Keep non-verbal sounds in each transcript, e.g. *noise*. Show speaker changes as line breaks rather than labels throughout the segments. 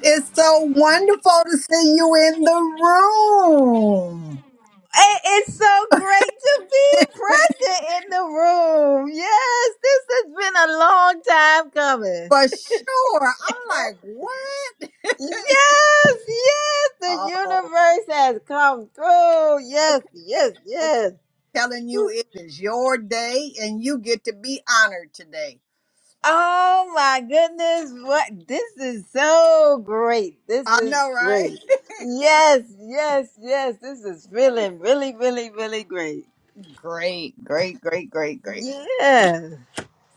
It's so wonderful to see you in the room.
It is so great to be present in the room. Yes, this has been a long time coming.
For sure. I'm like, what?
Yes, yes, the
Oh,
universe has come through. Yes, yes,
okay. okay.
yes.
Telling you it is your day and you get to be honored today.
Oh my goodness, what this is so great. This
I
is
know, right?
great.
*laughs*
Yes, yes, yes. This is feeling really, really, really great.
great, great, great, great, great.
Yes.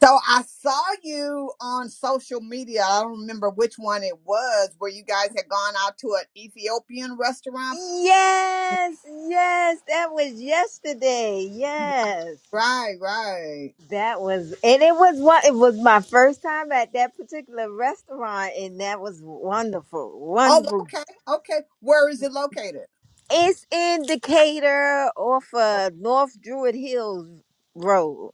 So I saw you on social media. I don't remember which one it was where you guys had gone out to an Ethiopian restaurant.
Yes, yes, that was yesterday. Yes,
Right, right.
that was, and it was one. It was my first time at that particular restaurant, and that was wonderful,
Oh,
wonderful.
okay, okay. Where is it located?
It's in Decatur, off
Okay.
of North Druid Hills Road.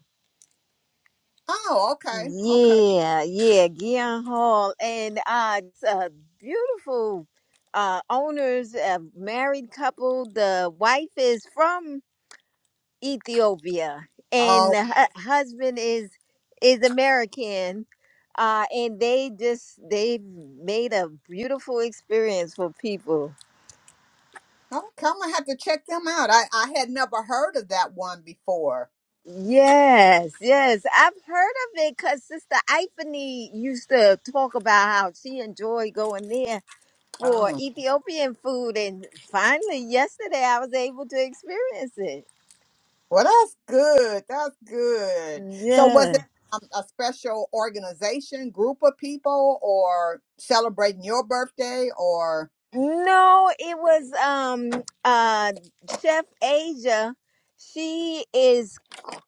Oh, okay, okay.
Yeah, yeah, Gion Hall, and uh, it's a beautiful uh owners, a married couple. The wife is from Ethiopia,
Oh,
and the hu- husband is is American, uh, and they just they made a beautiful experience for people.
okay. I'm gonna have to check them out. I I had never heard of that one before.
Yes, yes, I've heard of it because Sister Iphany used to talk about how she enjoyed going there for
Oh,
Ethiopian food, and finally yesterday I was able to experience it.
well, that's good. That's good. So, was
Yeah.
it um, a special organization, group of people, or celebrating your birthday, or
No, it was um uh Chef Asia. She is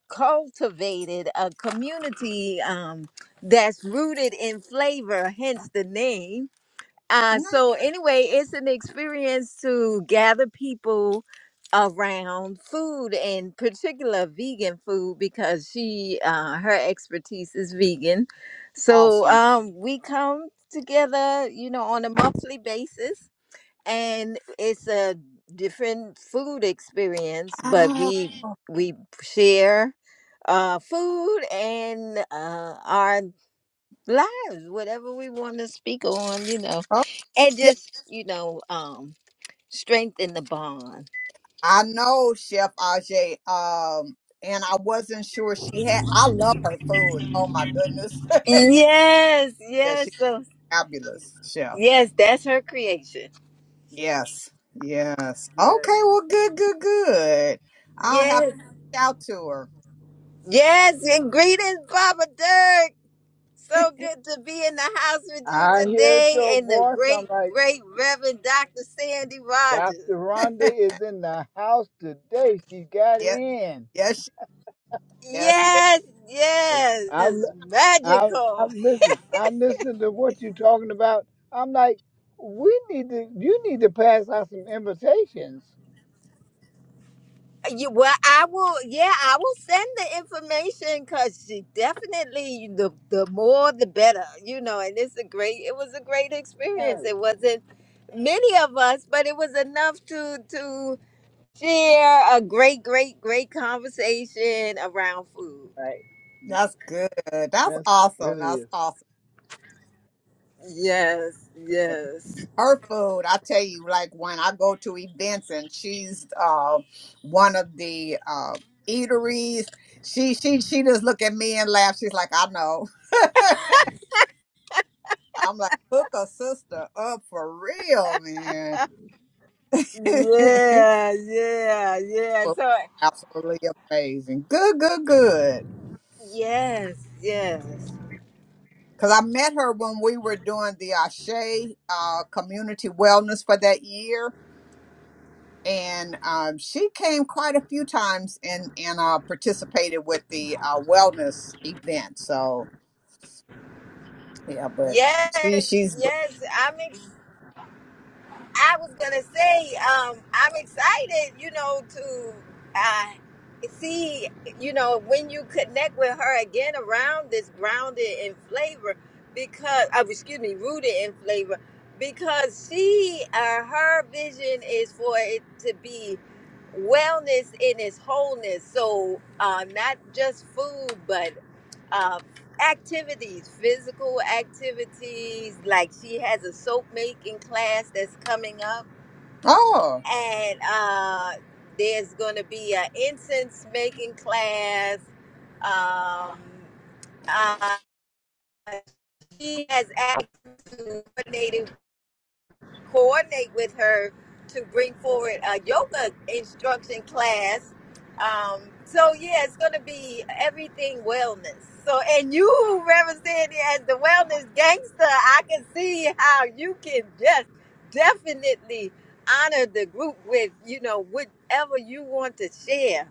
cultivated a community um that's rooted in flavor, hence the name. Uh
no?
so anyway, it's an experience to gather people around food and particular vegan food because she uh her expertise is vegan. So
awesome?
um we come together, you know, on a monthly basis and it's a different food experience but
Oh,
we we share uh food and uh our lives whatever we want to speak on you know
oh,
and
yeah.
just you know um strengthen the bond
I know Chef Ajay. Um, and I wasn't sure she had. I love her food. Oh my goodness.
yes
Yeah,
yes
she's
so
fabulous, Chef.
yes that's her creation
Yes, yes. Okay, well, good, good, good. I'll have
yes
to reach out to her.
yes and greetings papa dirk So good to be in the house with you
I heard
today
your
and the
voice. I'm
great,
like,
great Reverend Dr. Sandy Rogers.
Dr. Rhonda
*laughs*
is in the house today. She got
yes,
in.
yes, yes, yes.
Yes, yes,
I'm
it's
I'm
magical.
I'm listening. I'm listening to what you're talking about. I'm like, we need to you need to pass out some invitations.
You, well, I will, yeah, I will send the information because she definitely, the, the more the better, you know, and it's a great, it was a great experience.
Right.
It wasn't many of us, but it was enough to, to share a great, great, great conversation around food.
right.
That's good. That's
That's
awesome.
really
That's
is.
awesome.
Yes, yes.
Her food, I tell you, like when I go to events and she's uh, one of the uh, eateries, she she she just look at me and laugh. She's like, I know. I'm like, hook a sister up for real, man. *laughs*
Yeah, yeah, yeah.
Well,
So,
absolutely amazing. Good, good, good.
yes, yes.
Because I met her when we were doing the Ashe uh, community wellness for that year. And um, she came quite a few times and, and uh, participated with the uh, wellness event. So, yeah, but she,
Yes,
she's great.
yes. I'm. I was gonna say, um, I'm excited, you know, to uh, see, you know, when you connect with her again around this grounded in flavor, because, uh, excuse me, rooted in flavor, because she, uh, her vision is for it to be wellness in its wholeness. So, uh, not just food, but um, activities, physical activities. Like she has a soap making class that's coming up,
Oh,
and uh, there's going to be an incense making class. Um, uh, she has access to coordinating coordinate with her to bring forward a yoga instruction class. Um, so yeah, it's going to be everything wellness. So and you who represent as the wellness gangster, I can see how you can just definitely honor the group with you know whatever you want to share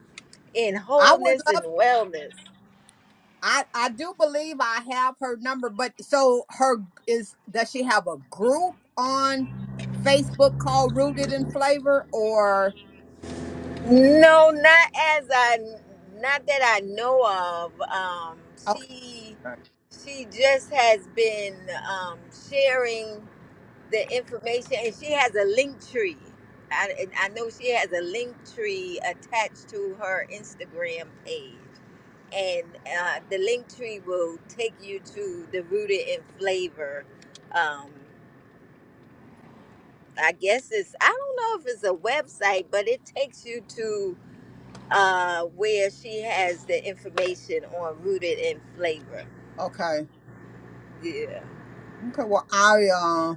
in
I would
wholeness and
love.
wellness.
I, I do believe I have her number, but so her is does she have a group on Facebook called Rooted in Flavor or
No, not as I, not that I know of. Um,
Okay.
she,
Okay.
she just has been um, sharing the information, and she has a link tree. I, and I know she has a link tree attached to her Instagram page, and uh, the link tree will take you to the Rooted in Flavor. Um, I guess it's I don't know if it's a website, but it takes you to uh, where she has the information on rooted in flavor. Yeah.
Okay. Well, I uh,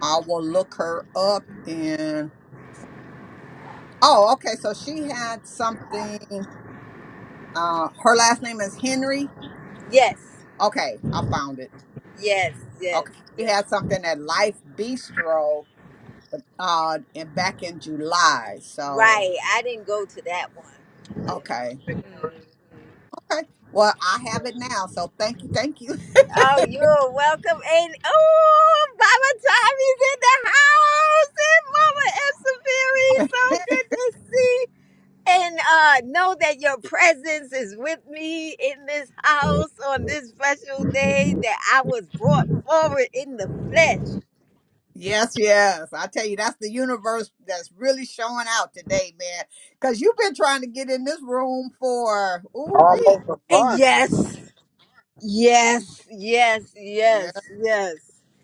I will look her up and oh, okay. So she had something. Uh, her last name is Henry.
Yes.
Okay, I found it.
Yes. Yes.
Okay, she
Yes.
had something at Life Bistro. Uh, and back in July. So
Right. I didn't go to that one. Yeah.
okay.
Mhm.
Okay. Well, I
Yeah.
have it now. So thank you. Thank you.
Oh, you're welcome. And oh, Mama Tommy's in the house. And Mama Epsaveri. So
*laughs*
good to see and uh, know that your presence is with me in this house on this special day that I was brought forward in the flesh.
Yes, yes. I tell you, that's the universe that's really showing out today, man. Because you've been trying to get in this room for ooh wee,
Almost a
And
month.
yes, yes, yes,
yeah,
yes, yes.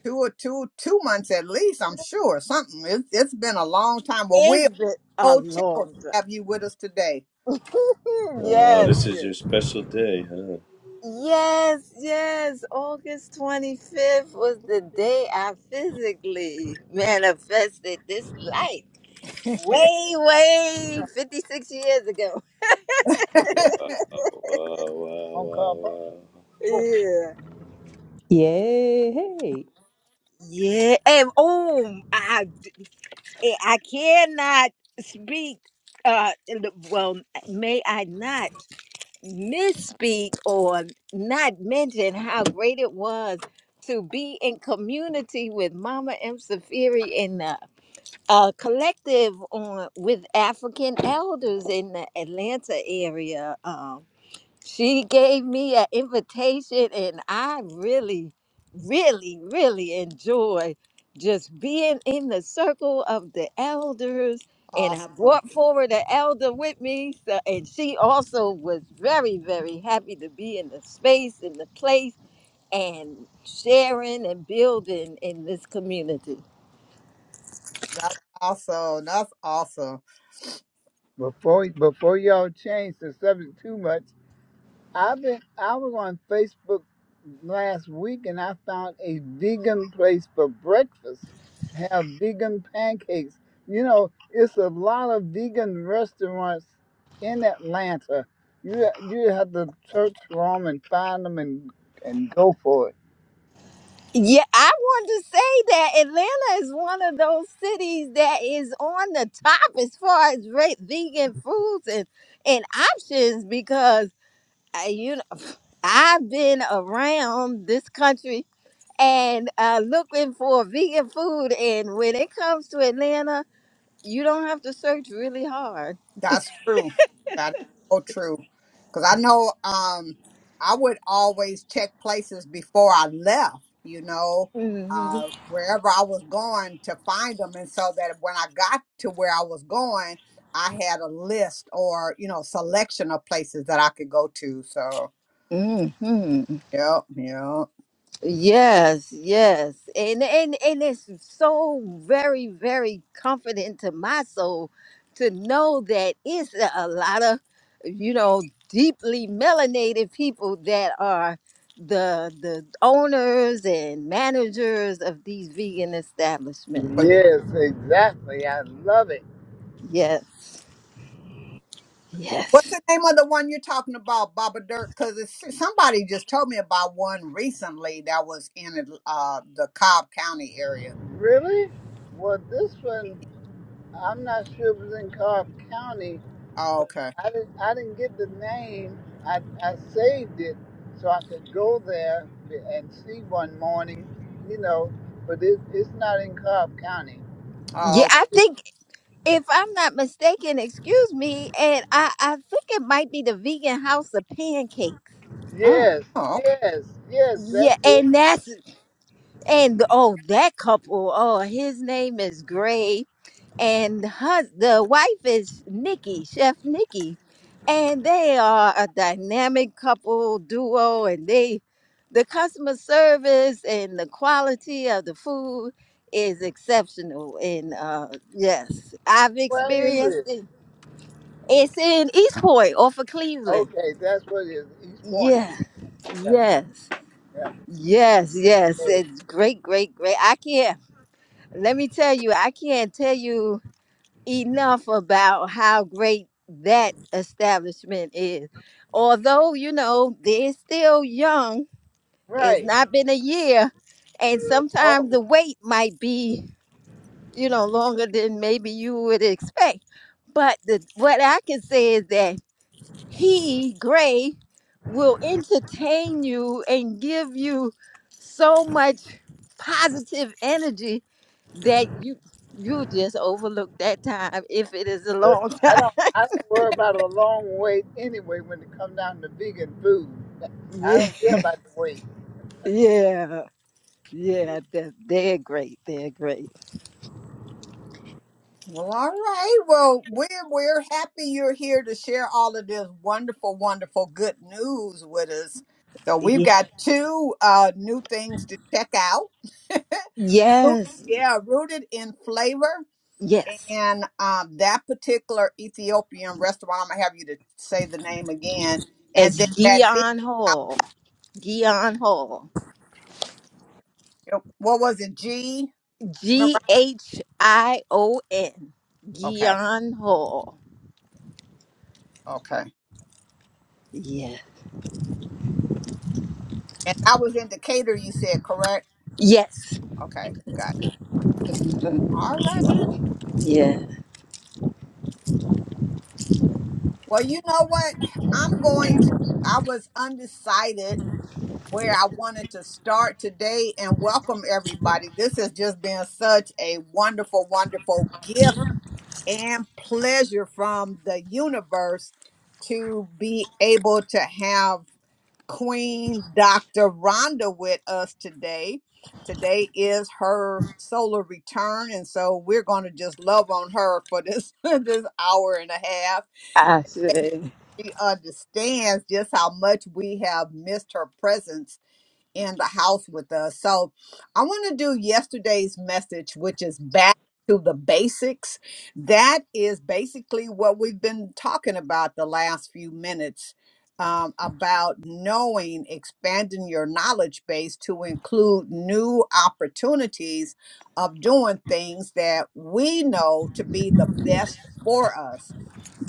two or two two months at least. I'm sure something. It's, it's been a long time. Well,
It's
we're
been a
so tickled
long time.
to have you with us today.
Hmm,
Wow,
Yes,
this is
yes.
your special day, huh?
Yes, yes. August 25th was the day I physically manifested this life. Way, way 56 years ago.
Wow,
*laughs*
wow, wow,
On
wow,
call
wow.
*laughs*
before
Yeah.
Yay!
Yeah. And oh, I I I cannot speak. Uh, in the- well, may I not misspeak or not mention how great it was to be in community with Mama M. Safiri in the uh, collective on with African elders in the Atlanta area. um, she gave me an invitation and i really really really enjoy just being in the circle of the elders and i
awesome.
brought forward an elder with me so, and she also was very very happy to be in the space in the place and sharing and building in this community
That's awesome. That's awesome.
before before y'all change the subject too much. I've been I was on Facebook last week and I found a vegan place for breakfast. Have vegan pancakes. You know, it's a lot of vegan restaurants in Atlanta. You you have to search for them and find them and and go for it.
Yeah, I wanted to say that Atlanta is one of those cities that is on the top as far as re- vegan foods and, and options because uh, you know *sighs* I've been around this country and uh, looking for vegan food, and when it comes to Atlanta, you don't have to search really hard.
That's true. That is so true. Because I know um, I would always check places before I left, you know,
hmm
uh, wherever I was going to find them. And so that when I got to where I was going, I had a list or, you know, selection of places that I could go to. So,
hmm
yeah, yeah.
Yes, yes. And and and it's so very, very comforting to my soul to know that it's a a lot of, you know, deeply melanated people that are the the owners and managers of these vegan establishments.
But
It-
Yes, exactly. I love it.
Yes,
what's
yes.
the name of the one you're talking about, Baba Dirk? Because somebody just told me about one recently that was in uh, the Cobb County area.
Really? Well, this one. I'm not sure if it was in Cobb County,
Oh,
but
okay.
I didn't I didn't get the name. I I saved it so I could go there and see one morning, you know. But it, it's not in Cobb County. But
Yeah,
Oh, okay.
I think if I'm not mistaken, excuse me, and I, I think it might be the vegan house of pancakes.
Mm.
yes,
Oh, okay.
yes, yes, that's
Yeah,
it.
and that's And oh, that couple, oh, his name is Gray, and hus the wife is Nikki, Chef Nikki. And they are a dynamic couple duo, and they, the customer service and the quality of the food is exceptional. And uh, yes, I've
Where is
experienced
it?
it. It's in Eastport, off of Cleveland.
Okay, that's what it is. East Point.
Yeah,
Yeah,
yes,
yeah.
yes, yes.
okay.
It's great, great, great. I can't. let me tell you, I can't tell you enough about how great that establishment is. Although, you know, they're still young, it's
Right.
not been a year, and
Oh.
sometimes the wait might be, you know, longer than maybe you would expect. But the, what I can say is that he, Gray, will entertain you and give you so much positive energy that you you just overlook that time if it is a
But
long time.
I don't I don't worry about a long wait anyway when it comes down to vegan food.
*laughs*
*laughs* I
Yeah,
don't care about the wait.
yeah, yeah. That they're great. They're great.
Well, all right. Well, we're we're happy you're here to share all of this wonderful, wonderful good news with us. So we've
Ye-
got two uh, new things to check out. Root-
Yes,
Yeah, rooted in flavor,
yes.
and um, that particular Ethiopian restaurant. I'm gonna have you to say the name again,
It's
and then that big.
Gion Hall. Gion Hall.
out- What was it? G.
G
Remember?
H I O N.
Okay.
Gion Hall.
Okay.
Yeah.
And I was in Decatur. You said correct.
Yes.
Okay. Got. it.
*laughs*
All right.
yeah.
Well, you know what? I'm going to, I was undecided where I wanted to start today and welcome everybody. This has just been such a wonderful, wonderful gift and pleasure from the universe to be able to have Queen Dr. Rhonda with us today. Today is her solar return, and so we're going to just love on her for this *laughs* this hour and a half.
I say.
She understands just how much we have missed her presence in the house with us. So I want to do yesterday's message, which is back to the basics. That is basically what we've been talking about the last few minutes. um, about knowing, expanding your knowledge base to include new opportunities of doing things that we know to be the best for us.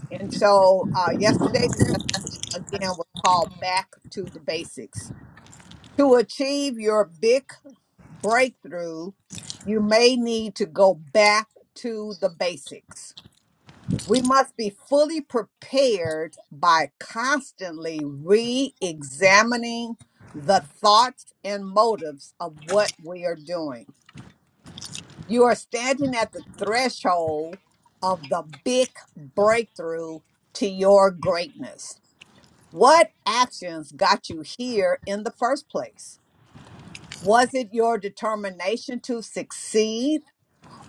And so, uh, yesterday again was called Back to the Basics. To achieve your big breakthrough, you may need to go back to the basics. We must be fully prepared by constantly re examining the thoughts and motives of what we are doing. You are standing at the threshold of the big breakthrough to your greatness. What actions got you here in the first place? Was it your determination to succeed,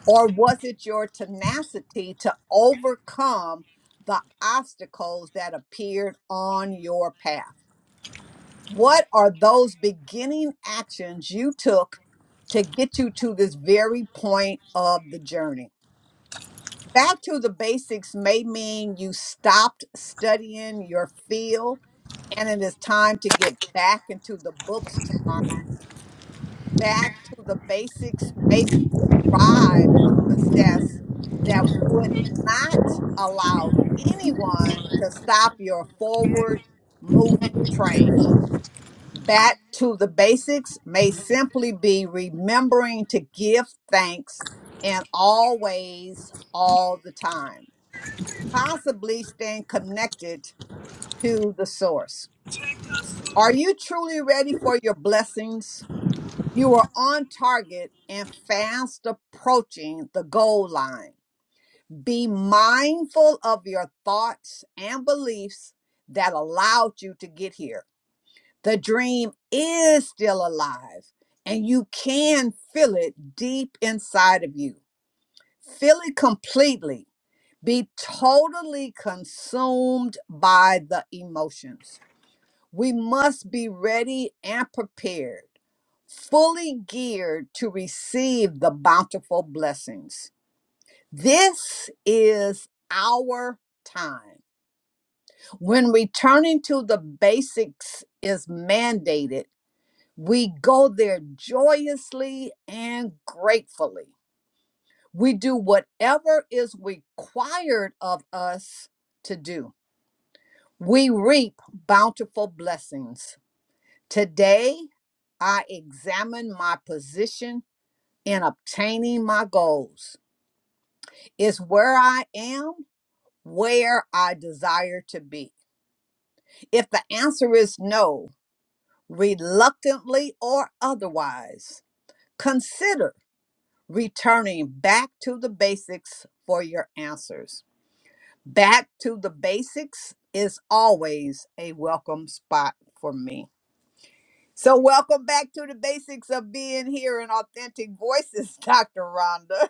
or was it your tenacity to overcome the obstacles that appeared on your path? What are those beginning actions you took to get you to this very point of the journey? back to the basics may mean you stopped studying your field and it is time to get back into the books to learn. Back to the basics may drive you possess that would not allow anyone to stop your forward moving train. Back to the basics may simply be remembering to give thanks in all ways, all the time possibly staying connected to the source. Are you truly ready for your blessings? You are on target and fast approaching the goal line. Be mindful of your thoughts and beliefs that allowed you to get here. The dream is still alive, and you can feel it deep inside of you. Feel it completely be totally consumed by the emotions. We must be ready and prepared, fully geared to receive the bountiful blessings. This is our time. When returning to the basics is mandated, we go there joyously and gratefully. We do whatever is required of us to do We reap bountiful blessings. Today, I examine my position in obtaining my goals. Is where I am where I desire to be? If the answer is no, reluctantly or otherwise, consider returning back to the basics for your answers. Back to the basics is always a welcome spot for me. So, welcome back to the basics of being here in authentic voices, *laughs* Dr. Rhonda.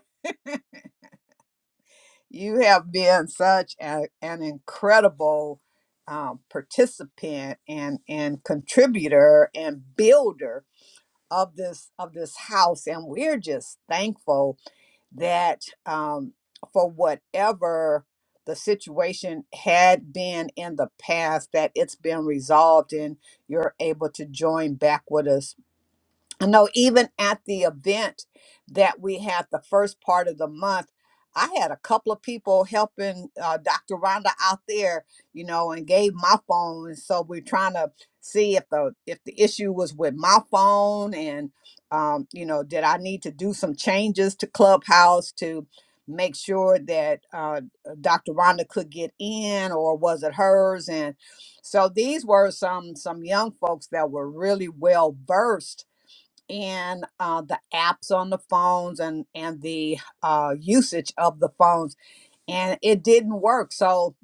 you have been such a, an incredible um, participant and, and contributor and builder of this of this house, and we're just thankful that um, for whatever the situation had been in the past, that it's been resolved and you're able to join back with us I know even at the event that we had the first part of the month, I had a couple of people helping uh, Dr. Rhonda out there, you know, and gave my phone. And so we're trying to see if the if the issue was with my phone and um, you know, did I need to do some changes to Clubhouse to make sure that uh, Dr. Rhonda could get in or was it hers? And so these were some some young folks that were really well versed and uh, the apps on the phones and and the uh, usage of the phones and it didn't work so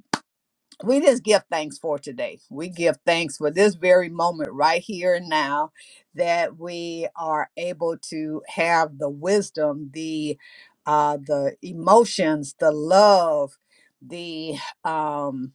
we just give thanks for today we give thanks for this very moment right here and now that we are able to have the wisdom the uh, the emotions the love the um,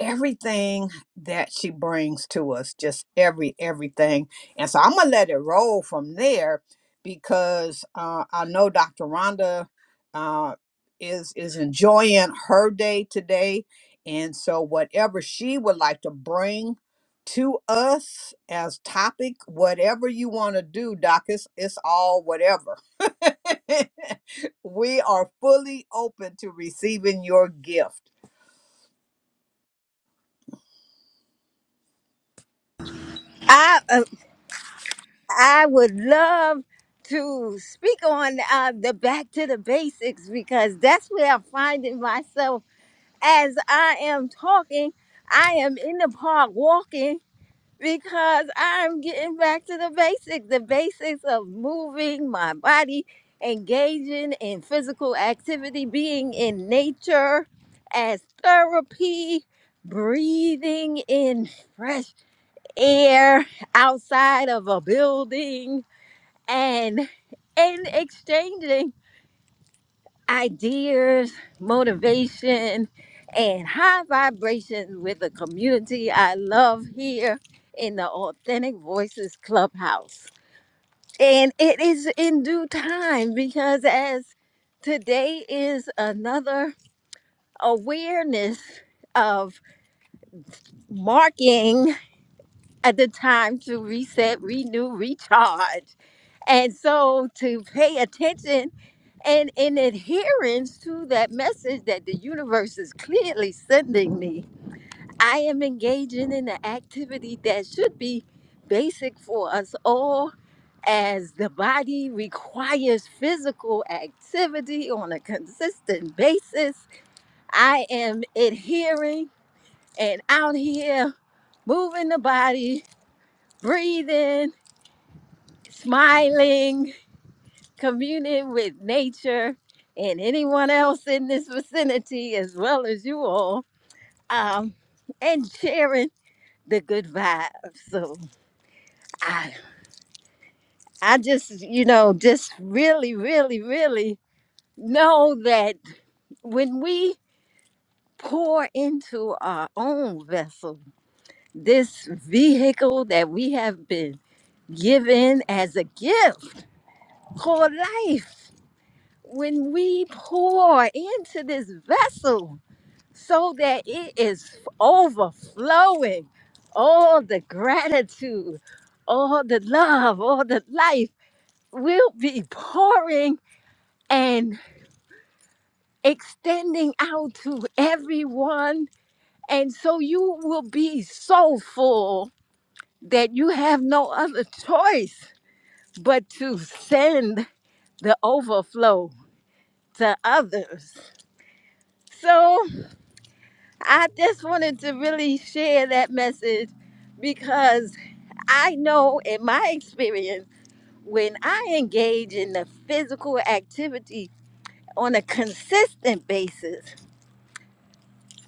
everything that she brings to us just every everything and so i'm gonna let it roll from there because uh, i know dr rhonda uh, is is enjoying her day today and so whatever she would like to bring to us as topic whatever you want to do doc it's, it's all whatever *laughs* we are fully open to receiving your gift
I. uh, I would love to speak on uh, the back to the basics because that's where I'm finding myself as I am talking. I am in the park walking because I'm getting back to the basics, the basics of moving my body, engaging in physical activity, being in nature as therapy, breathing in fresh air outside of a building and and exchanging ideas, motivation, and high vibrations with the community I love here in the Authentic Voices Clubhouse. And it is in due time because as today is another awareness of marking at the time to reset, renew, recharge. And so to pay attention And in adherence to that message that the universe is clearly sending me, I am engaging in an activity that should be basic for us all, as the body requires physical activity on a consistent basis. I am adhering and out here moving the body, breathing, smiling, communing with nature and anyone else in this vicinity, as well as you all, um, and sharing the good vibes. So I, I just, you know, just really, really, really know that when we pour into our own vessel, this vehicle that we have been given as a gift called life, when we pour into this vessel, so that it is overflowing. All the gratitude, all the love, all the life will be pouring and extending out to everyone. And so you will be so full that you have no other choice but to send the overflow to others. So I just wanted to really share that message because. I know in my experience, when I engage in the physical activity on a consistent basis,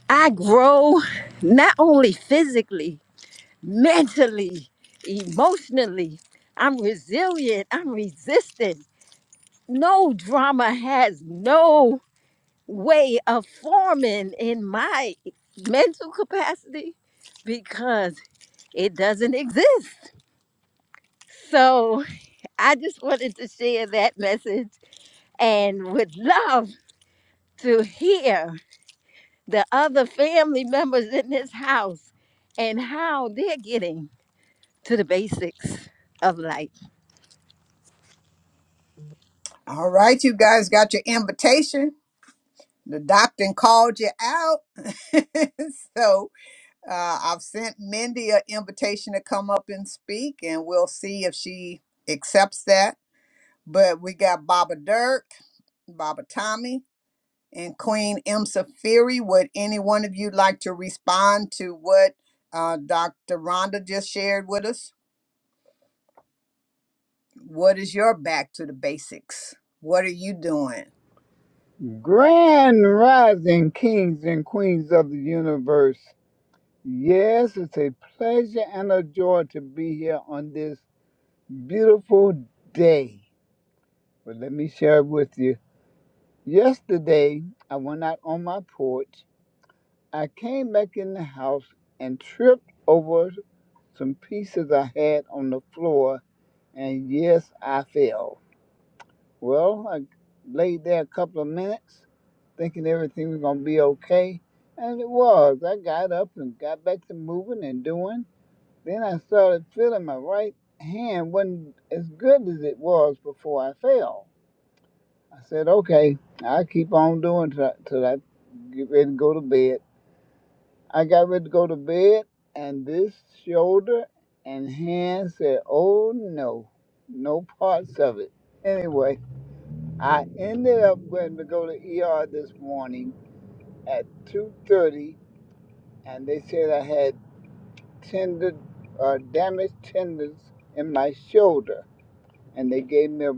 I grow not only physically, mentally, emotionally. I'm resilient, I'm resistant. No drama has no way of forming in my mental capacity because it doesn't exist. So I just wanted to share that message and would love to hear the other family members in this house and how they're getting to the basics of life.
All right, you guys got your invitation. The doctor called you out. *laughs* so uh, I've sent Mindy an invitation to come up and speak, and we'll see if she accepts that. But we got Baba Dirk, Baba Tommy, and Queen M. Safiri. Would any one of you like to respond to what uh, Dr. Rhonda just shared with us? What is your back to the basics? What are you doing?
Grand rising kings and queens of the universe. Yes, it's a pleasure and a joy to be here on this beautiful day. But let me share with you. Yesterday, I went out on my porch. I came back in the house and tripped over some pieces I had on the floor and yes, I fell. Well, I laid there a couple of minutes thinking everything was going to be okay, and it was. I got up and got back to moving and doing. Then I started feeling my right hand wasn't as good as it was before I fell. I said, okay, I'll keep on doing till till I get ready to go to bed. I got ready to go to bed, and this shoulder and hand said, oh no, no parts of it. Anyway, I ended up going to go to ER this morning at 2:30, and they said I had tender, uh, damaged tendons in my shoulder, and they gave me a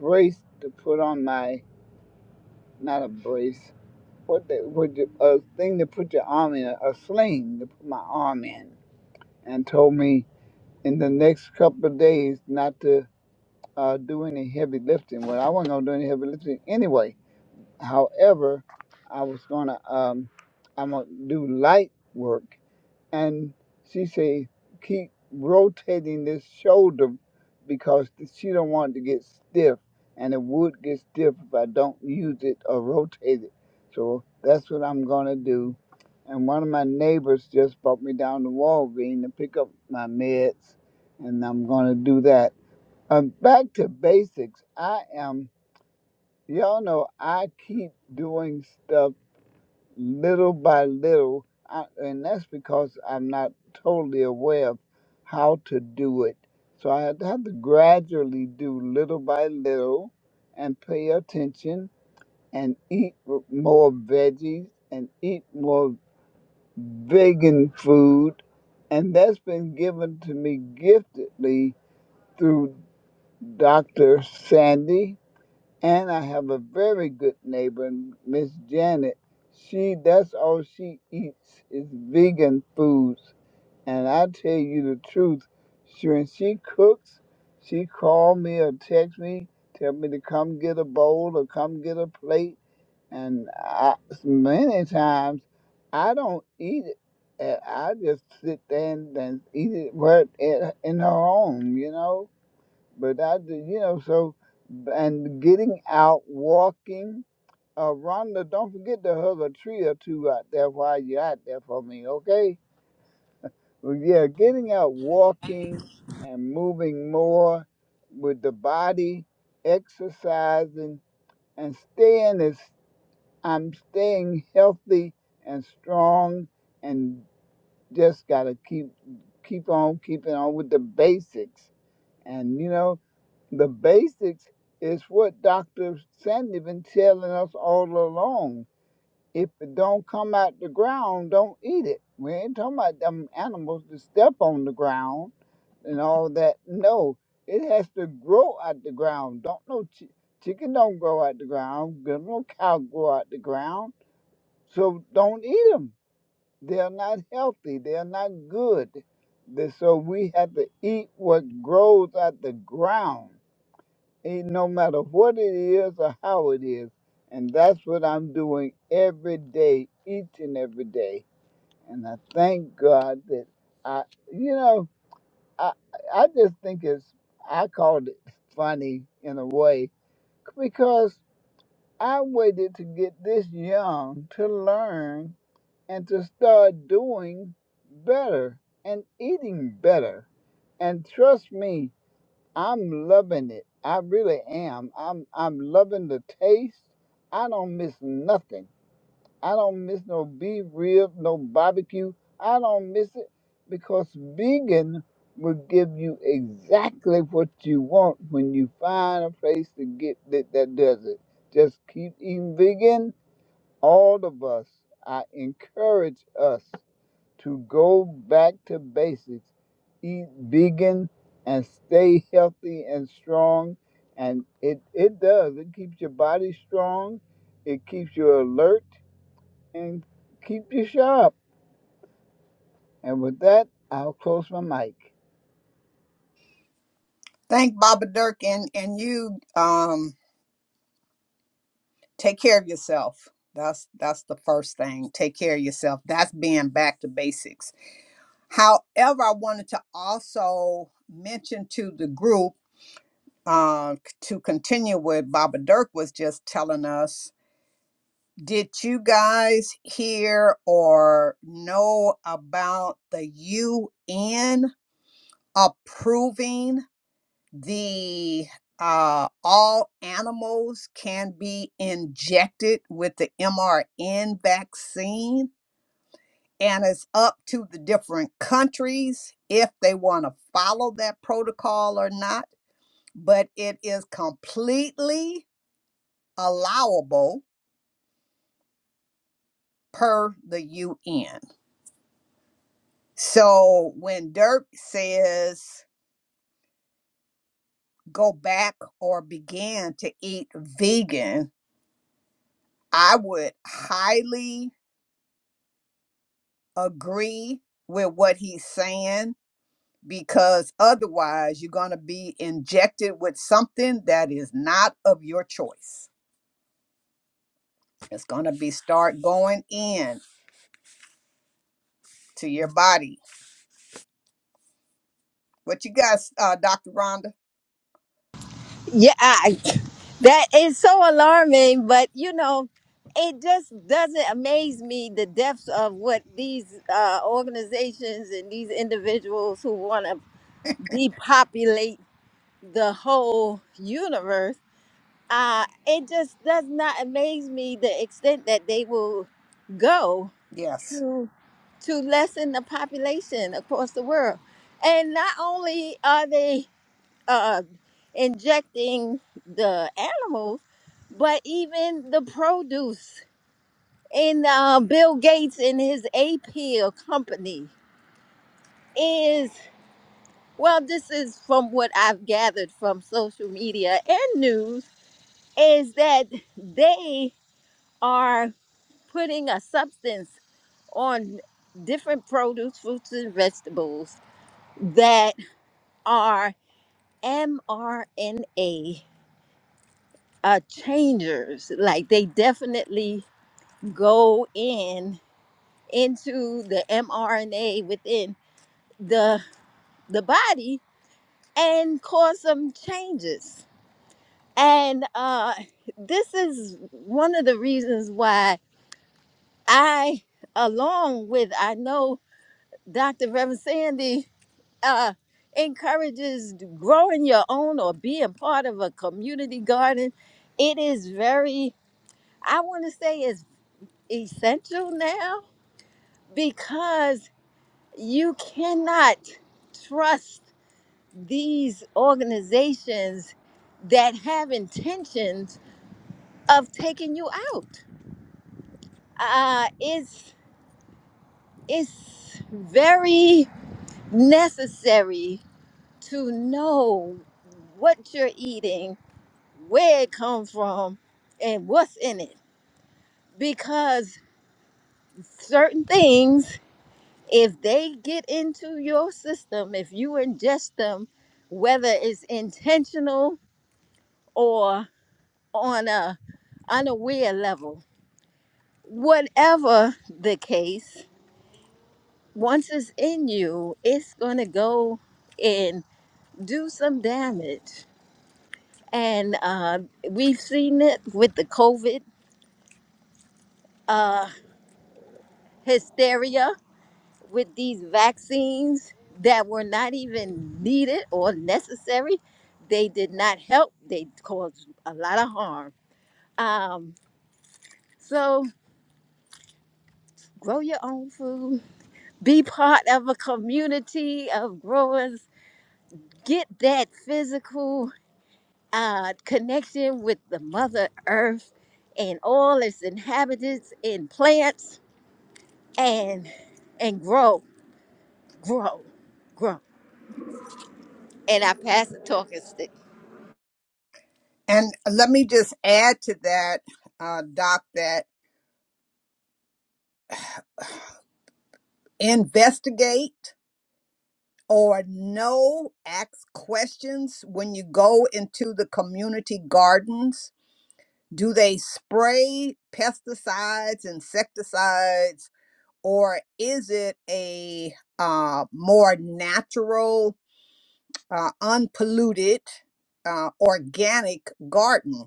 brace to put on my, not a brace, what the, what the, a thing to put your arm in, a sling to put my arm in, and told me in the next couple of days not to uh, do any heavy lifting. Well, I wasn't gonna do any heavy lifting anyway However, I was gonna um, I'm gonna do light work, and she say keep rotating this shoulder because she don't want it to get stiff, and it would get stiff if I don't use it or rotate it. So that's what I'm gonna do. And one of my neighbors just brought me down to Walgreens to pick up my meds, and I'm gonna do that. Um, back to basics. I am y'all know I keep doing stuff little by little, I, and that's because I'm not totally aware of how to do it. So I had to have to gradually do little by little and pay attention and eat w- more veggies and eat more vegan food. And that's been given to me giftedly through Dr. Sandy. And I have a very good neighbor, Miss Janet. She that's all she eats is vegan foods. And I tell you the truth, she, when she cooks, she call me or text me, tell me to come get a bowl or come get a plate. And I, many times I don't eat it. And I just sit there and, and eat it right in in her home, you know. But I did, you know, so, and getting out, walking. Uh, Rhonda, don't forget to hug a tree or two out there while you're out there for me, okay? Well, yeah, getting out, walking, and moving more with the body, exercising, and staying as I'm staying healthy and strong, and just gotta keep keep on keeping on with the basics, and you know The basics is what Dr. Sandy been telling us all along. If it don't come out the ground, don't eat it. We ain't talking about them animals to step on the ground and all that. No, it has to grow out the ground. Don't no chi- chicken don't grow out the ground. Don't no cow grow out the ground. So don't eat them. They're not healthy. They're not good. They- So we have to eat what grows out the ground Ain't no matter what it is or how it is. And that's what I'm doing every day, each and every day. And I thank God that I, you know, I, I just think it's, I called it funny in a way because I waited to get this young to learn and to start doing better and eating better. And trust me, I'm loving it. I really am. I'm I'm loving the taste. I don't miss nothing. I don't miss no beef rib, no barbecue. I don't miss it because vegan will give you exactly what you want when you find a place to get that, that does it. Just keep eating vegan. All of us, I encourage us to go back to basics, eat vegan and stay healthy and strong. And it, it does. It keeps your body strong, it keeps you alert, and keep you sharp. And with that, I'll close my mic.
Thank Baba Dirk and, and you um take care of yourself. That's that's the first thing. Take care of yourself. That's being back to basics. However, I wanted to also mention to the group uh, to continue with Baba Dirk was just telling us. Did you guys hear or know about the UN approving? the uh, all animals can be injected with the mRN vaccine, and it's up to the different countries if they want to follow that protocol or not. But it is completely allowable per the UN. So when Dirk says go back or begin to eat vegan, I would highly agree with what he's saying because otherwise you're going to be injected with something that is not of your choice. It's going to be start going in to your body. What you got, uh, Dr. Rhonda?
Yeah, I, that is so alarming, but you know, it just doesn't amaze me the depths of what these uh, organizations and these individuals who want to
*laughs*
depopulate the whole universe uh, it just does not amaze me the extent that they will go
Yes.
to to lessen the population across the world. And not only are they uh, injecting the animals, but even the produce. And uh, Bill Gates and his APL company is, well, this is from what I've gathered from social media and news, is that they are. putting a substance on different produce, fruits, and vegetables that are mRNA uh, changers. Like they definitely go in into the mRNA within the the body and cause some changes. And uh, this is one of the reasons why I, along with I know Dr. Reverend Sandy uh, encourages growing your own or being part of a community garden. It is very, I want to say, it's essential now because you cannot trust these organizations that have intentions of taking you out. Uh, it's it's very necessary to know what you're eating where it comes from and what's in it because certain things if they get into your system if you ingest them whether it's intentional or on a unaware level whatever the case once it's in you it's going to go and do some damage and uh, we've seen it with the covid uh, hysteria with these vaccines that were not even needed or necessary. They did not help, they caused a lot of harm. Um, so, grow your own food, be part of a community of growers, get that physical uh, connection with the Mother Earth and all its inhabitants and plants and and grow grow grow and i pass the talking stick
And let me just add to that, uh, Doc, that investigate. or no ask questions when you go into the community gardens do they spray pesticides insecticides or is it a uh, more natural uh, unpolluted uh, organic garden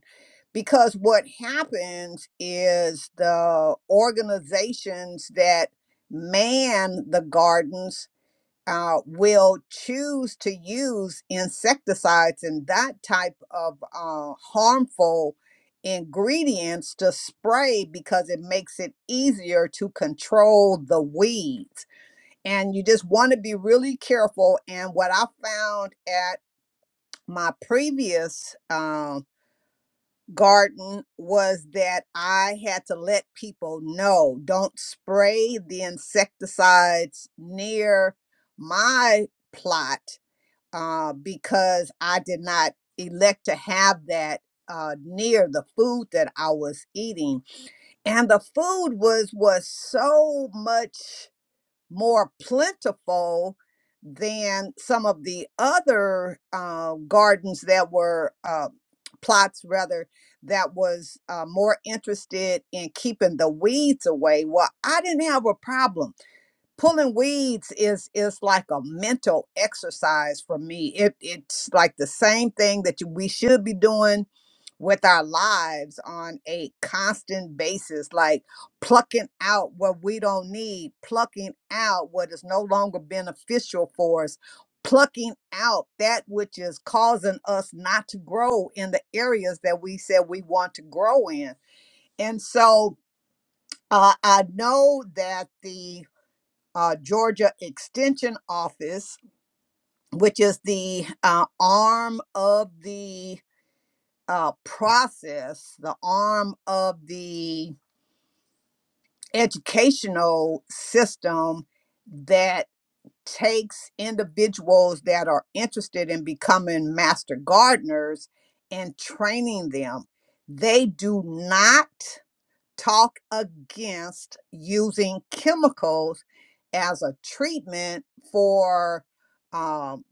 because what happens is the organizations that man the gardens uh, will choose to use insecticides and that type of uh, harmful ingredients to spray because it makes it easier to control the weeds. And you just want to be really careful. And what I found at my previous um, garden was that I had to let people know don't spray the insecticides near my plot uh, because I did not elect to have that uh, near the food that I was eating, and the food was was so much more plentiful than some of the other uh, gardens that were uh, plots rather that was uh, more interested in keeping the weeds away well i didn't have a problem pulling weeds is is like a mental exercise for me it it's like the same thing that you, we should be doing with our lives on a constant basis like plucking out what we don't need plucking out what is no longer beneficial for us plucking out that which is causing us not to grow in the areas that we said we want to grow in and so uh, i know that the uh, Georgia Extension Office, which is the uh, arm of the uh, process, the arm of the educational system that takes individuals that are interested in becoming master gardeners and training them. They do not talk against using chemicals as a treatment for um,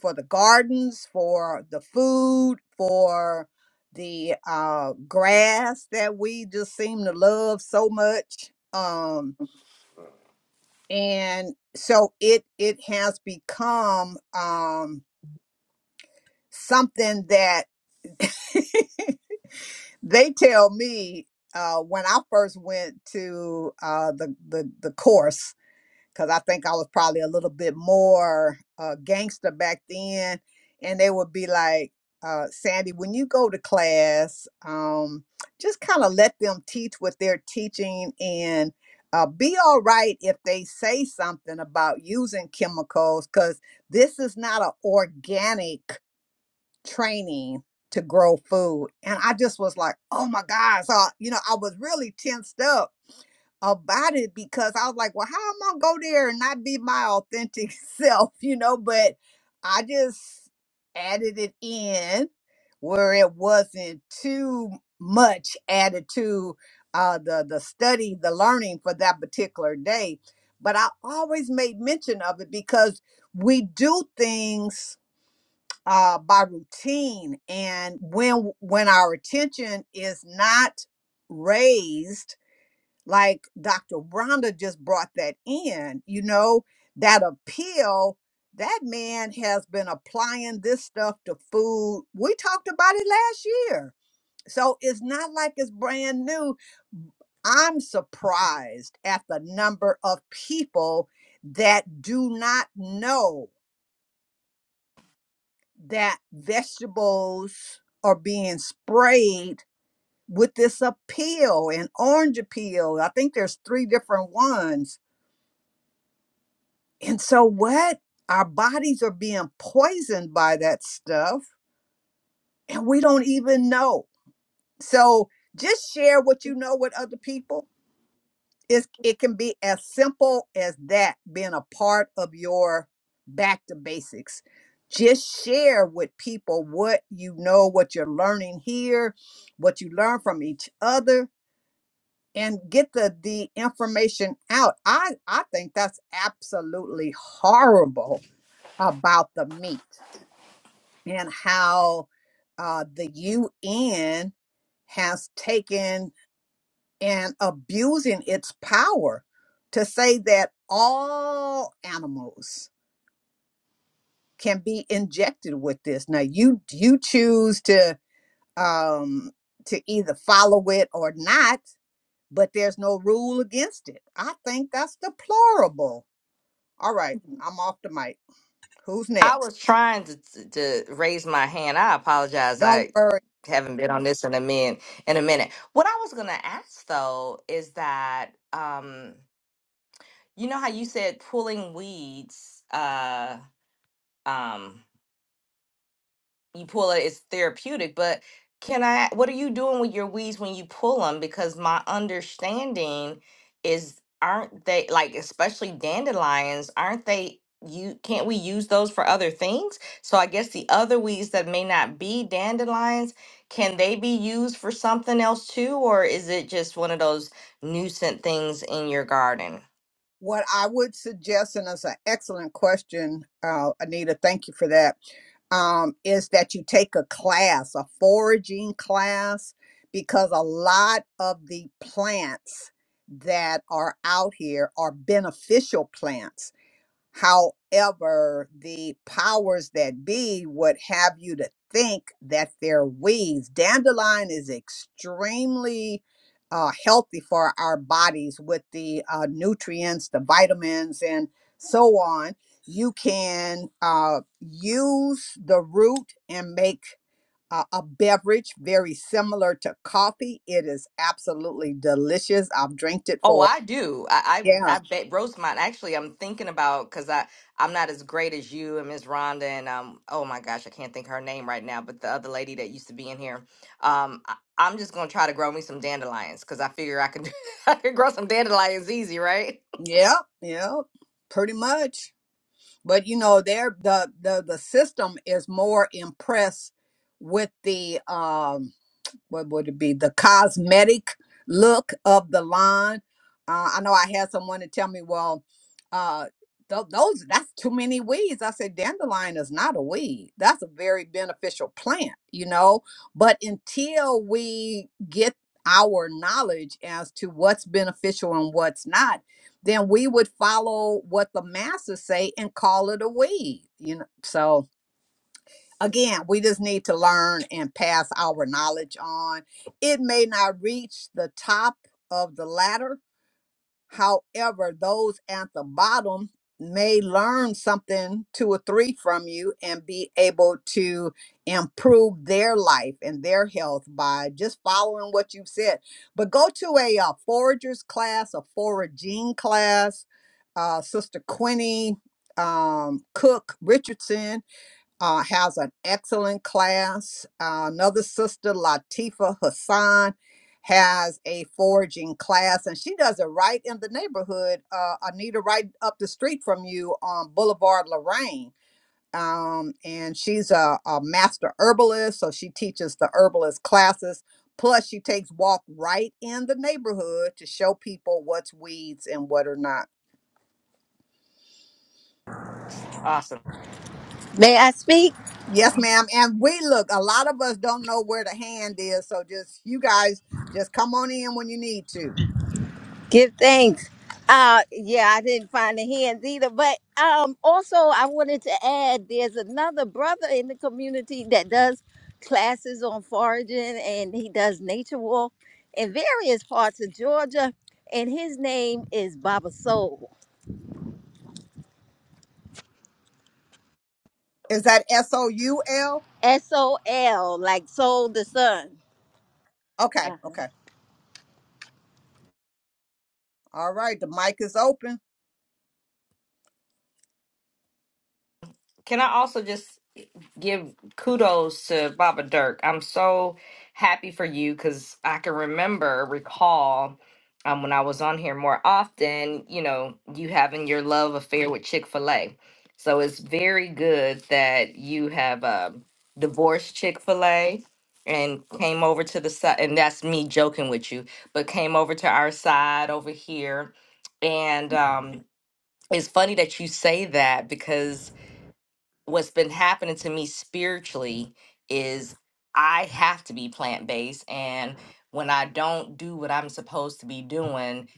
for the gardens, for the food, for the uh, grass that we just seem to love so much. Um, and so it it has become um, something that *laughs* they tell me uh, when I first went to uh, the, the the course because I think I was probably a little bit more uh, gangster back then. And they would be like, uh, Sandy, when you go to class, um, just kind of let them teach what they're teaching and uh, be all right if they say something about using chemicals, because this is not an organic training to grow food. And I just was like, oh my God. So, you know, I was really tensed up about it because I was like, well, how am I gonna go there and not be my authentic *laughs* self, you know? But I just added it in where it wasn't too much added to uh, the the study, the learning for that particular day. But I always made mention of it because we do things uh, by routine, and when when our attention is not raised like Dr. Rhonda just brought that in, you know, that appeal, that man has been applying this stuff to food. We talked about it last year. So it's not like it's brand new. I'm surprised at the number of people that do not know that vegetables are being sprayed with this appeal and orange appeal. I think there's three different ones And so, what? Our bodies are being poisoned by that stuff, and we don't even know. So, just share what you know with other people. It's, it can be as simple as that being a part of your back to basics. Just share with people what you know, what you're learning here, what you learn from each other, and get the, the information out. I, I think that's absolutely horrible about the meat. and how uh, the UN has taken and abusing its power to say that all animals can be injected with this. Now you you choose to um, to either follow it or not, but there's no rule against it. I think that's deplorable. All right, I'm off the mic. Who's
I
next?
was trying to to to raise my hand. I apologize.
Don't
I
worry.
haven't been on this in a min in a minute. What I was gonna ask though is that um, you know how you said pulling weeds. Uh, um, you pull it it's therapeutic but can i what are you doing with your weeds when you pull them because my understanding is aren't they like especially dandelions aren't they you can't we use those for other things so i guess the other weeds that may not be dandelions can they be used for something else too or is it just one of those nuisance things in your garden
What I would suggest, and it's an excellent question, uh, Anita, thank you for that, um, is that you take a class, a foraging class, because a lot of the plants that are out here are beneficial plants. However, the powers that be would have you to think that they're weeds. Dandelion is extremely uh, healthy for our bodies with the uh, nutrients, the vitamins, and so on. You can uh, use the root and make uh, a beverage very similar to coffee. It is absolutely delicious. I've drank it
Oh,
for,
I do. I I,
yeah,
I bet roast mine. Actually, I'm thinking about because I I'm not as great as you and Miss Rhonda and um. Oh my gosh, I can't think of her name right now. But the other lady that used to be in here, um, I, I'm just gonna try to grow me some dandelions because I figure I can *laughs* I can grow some dandelions easy, right?
yeah, yeah, pretty much. but you know they're the the the system is more impressed with the um what would it be? The cosmetic look of the line. Uh, I know I had someone to tell me, well, uh, tho- those that's too many weeds. I said, dandelion is not a weed. That's a very beneficial plant, you know. But until we get our knowledge as to what's beneficial and what's not, then we would follow what the masses say and call it a weed, you know. So again, we just need to learn and pass our knowledge on. It may not reach the top of the ladder. However, those at the bottom may learn something, two or three from you, and be able to improve their life and their health by just following what you've said. But go to a, uh forager's class, a foraging class. Uh, Sister Quinny um, Cook Richardson uh, has an excellent class. Uh, another sister, Latifa Hassan, has a foraging class, and she does it right in the neighborhood. Uh, Anita, right up the street from you on Boulevard Lorraine. Um, and she's a, a master herbalist, so she teaches the herbalist classes. Plus, she takes walk right in the neighborhood to show people what's weeds and what are not.
Awesome.
may i speak
Yes, ma'am. And we look, a lot of us don't know where the hand is. So just you guys just come on in when you need to.
Give thanks. Uh yeah, I didn't find the hands either. But um also I wanted to add there's another brother in the community that does classes on foraging and he does nature walk in various parts of Georgia. And his name is Baba Soul.
Is that S O U L?
S O L, like Soul the Sun.
Okay,
Uh-huh.
okay. All right. The mic is open.
Can I also just? give kudos to Baba Dirk. I'm so happy for you because I can remember, recall um, when I was on here more often, you know, you having your love affair with Chick fil A. So it's very good that you have um divorced Chick fil A and came over to the side. And that's me joking with you, but came over to our side over here. And um, it's funny that you say that because what's been happening to me spiritually is I have to be plant based. And when I don't do what I'm supposed to be doing,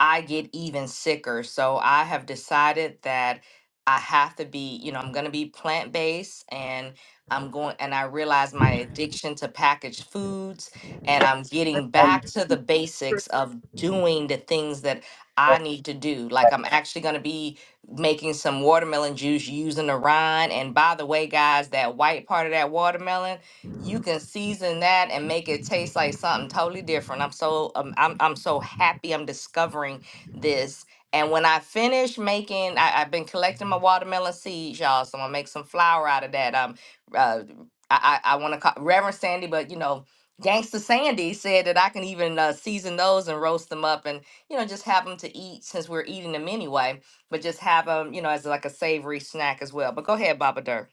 I get even sicker. So I have decided that I have to be, you know, I'm going to be plant based and I'm going, and I realize my addiction to packaged foods and I'm getting back to the basics of doing the things that I need to do. Like I'm actually going to be making some watermelon juice using the rind. And by the way, guys, that white part of that watermelon, you can season that and make it taste like something totally different. I'm so um, I'm I'm so happy I'm discovering this. And when I finish making, I, I've been collecting my watermelon seeds, y'all. So I'm gonna make some flour out of that. Um, uh, I I, I want to call Reverend Sandy, but you know. Gangsta Sandy said that I can even uh, season those and roast them up and, you know, just have them to eat since we're eating them anyway but just have them, you know, as like a savory snack as well. But go ahead, Baba Dur.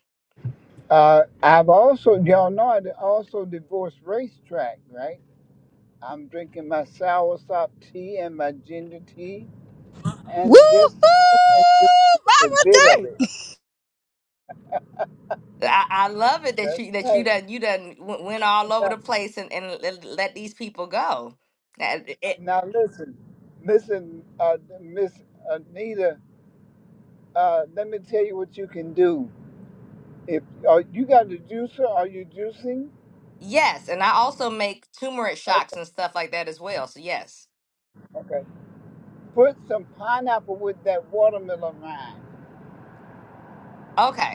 Uh, I've also, y'all know, I also divorced racetrack, right? I'm drinking my soursop tea and my ginger tea and
Woo-hoo!
just, just enjoy a
Baba
bit of
D!
it.
I, I love it that
That's
you that you
right.
done you done w- went all
Not
over the place and, and let let these people go. That- it-
Now listen, listen, uh, Miss Anita. Uh, let me tell you what you can do. If uh, you got a juicer, are you juicing?
yes, and I also make turmeric shocks
Okay,
and stuff like that as well. So yes,
okay. Put some pineapple with that watermelon rind.
okay.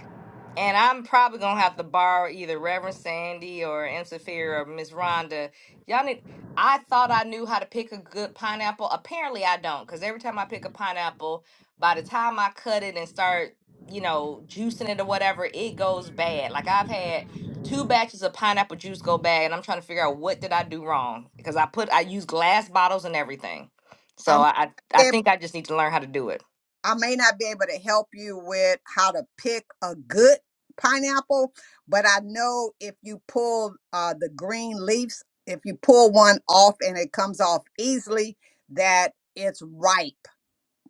And I'm probably gonna have to borrow either Reverend Sandy or M. Sophia or Miss Rhonda. Y'all need. I thought I knew how to pick a good pineapple. Apparently, I don't, because every time I pick a pineapple, by the time I cut it and start, you know, juicing it or whatever, it goes bad. Like I've had two batches of pineapple juice go bad, and I'm trying to figure out what did I do wrong because I put I use glass bottles and everything. So
I'm
I I I
ab-
think I just need to learn how to do it.
I may not be able to help you with how to pick a good pineapple, but I know if you pull uh, the green leaves, if you pull one off and it comes off easily, that it's ripe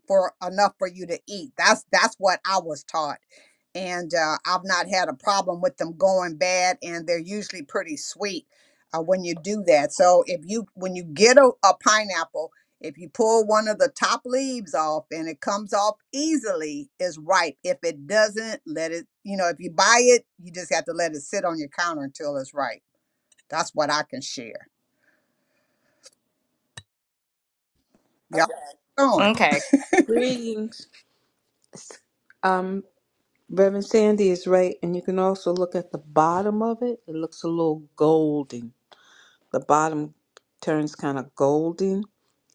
for enough for you to eat. That's that's what I was taught. And uh, I've not had a problem with them going bad, and they're usually pretty sweet uh, when you do that. So if you when you get a, a pineapple, if you pull one of the top leaves off and it comes off easily, it's ripe. If it doesn't, let it. You know, if you buy it, you just have to let it sit on your counter until it's ripe. That's what I can share. Y'all going.
Okay.
Greetings. Um, Reverend Sandy is right, and you can also look at the bottom of it. It looks a little golden. The bottom turns kind of golden,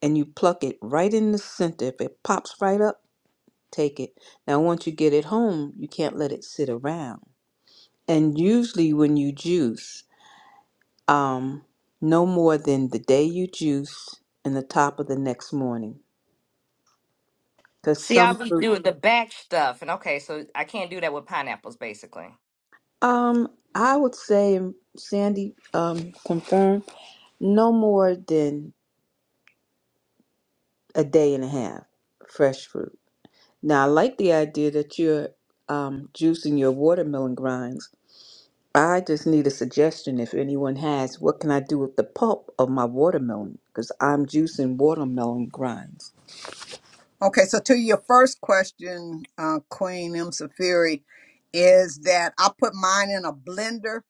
and you pluck it right in the center. If it pops right up, take it. Now, once you get it home, you can't let it sit around. And usually, when you juice, um, no more than the day you juice and the top of the next morning, because
See, I
some
was
fruits.
doing the back stuff, and okay, so I can't do that with pineapples, basically.
Um, I would say, um, Sandy, um, confirm no more than a day and a half fresh fruit. Now, I like the idea that you're um, juicing your watermelon grinds. I just need a suggestion if anyone has. What can I do with the pulp of my watermelon? Because I'm juicing watermelon grinds.
Okay, so to your first question, uh, Queen M. Safiri, is that I put mine in a blender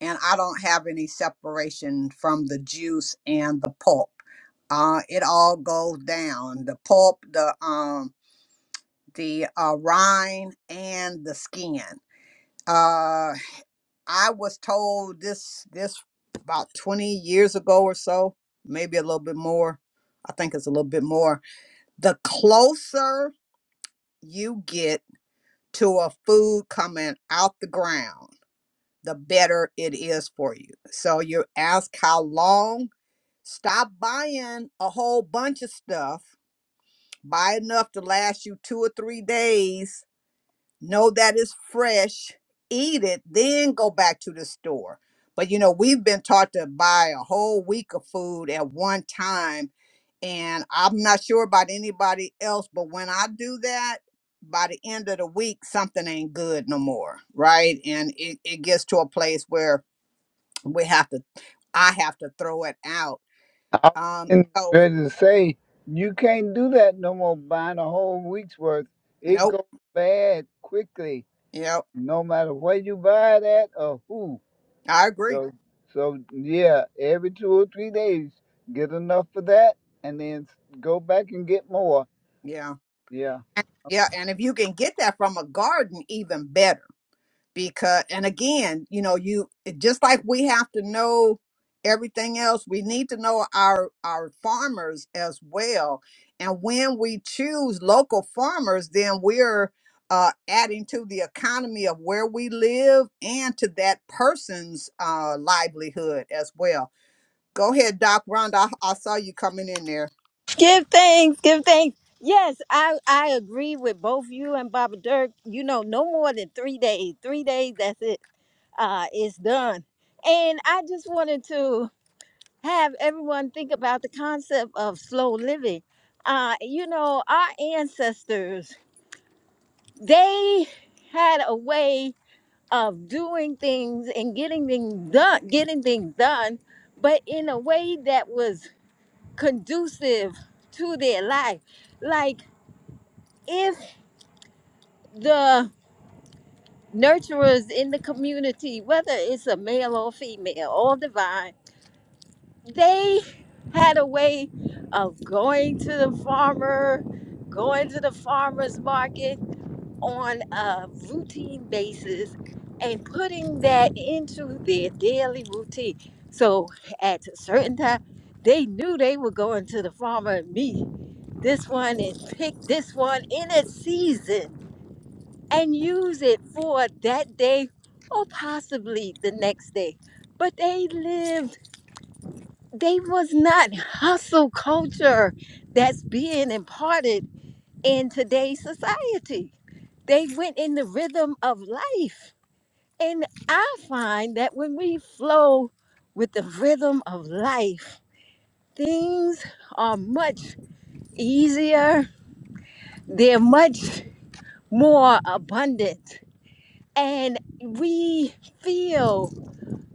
and I don't have any separation from the juice and the pulp. Uh, it all goes down the pulp, the um, the uh, rind, and the skin. Uh, I was told this this about 20 years ago or so, maybe a little bit more. I think it's a little bit more. The closer you get to a food coming out the ground, the better it is for you. So you ask how long, stop buying a whole bunch of stuff, buy enough to last you two or three days, know that it's fresh, eat it, then go back to the store. But you know, we've been taught to buy a whole week of food at one time and I'm not sure about anybody else, but when I do that, by the end of the week, something ain't good no more, right? And it, it gets to a place where we have to, I have to throw it out.
I
Um,
was
so
ready to say you can't do that no more. Buying a whole week's worth, it
nope,
goes bad quickly.
yep,
No matter where you buy it at or who.
I agree.
So, so yeah, every two or three days, get enough for that, and then s- go back and get more.
Yeah,
Yeah.
And- yeah, and if you can get that from a garden, even better because and again you know you just like we have to know everything else we need to know our our farmers as well and when we choose local farmers then we're uh, adding to the economy of where we live and to that person's uh, livelihood as well go ahead doc rhonda I, I saw you coming in there
Give thanks, give thanks. Yes, I, I agree with both you and Baba Dirk. You know, no more than three days. Three days, that's it. Uh, it's done. And I just wanted to have everyone think about the concept of slow living. Uh, you know, our ancestors, they had a way of doing things and getting things done, getting things done, but in a way that was conducive to their life. Like if the nurturers in the community, whether it's a male or female or divine, they had a way of going to the farmer, going to the farmer's market on a routine basis and putting that into their daily routine. So at a certain time, they knew they were going to the farmer and meet this one and pick this one in its season and use it for that day or possibly the next day. But they lived, they was not hustle culture that's being imparted in today's society. They went in the rhythm of life. And I find that when we flow with the rhythm of life, things are much easier, they're much more abundant, and we feel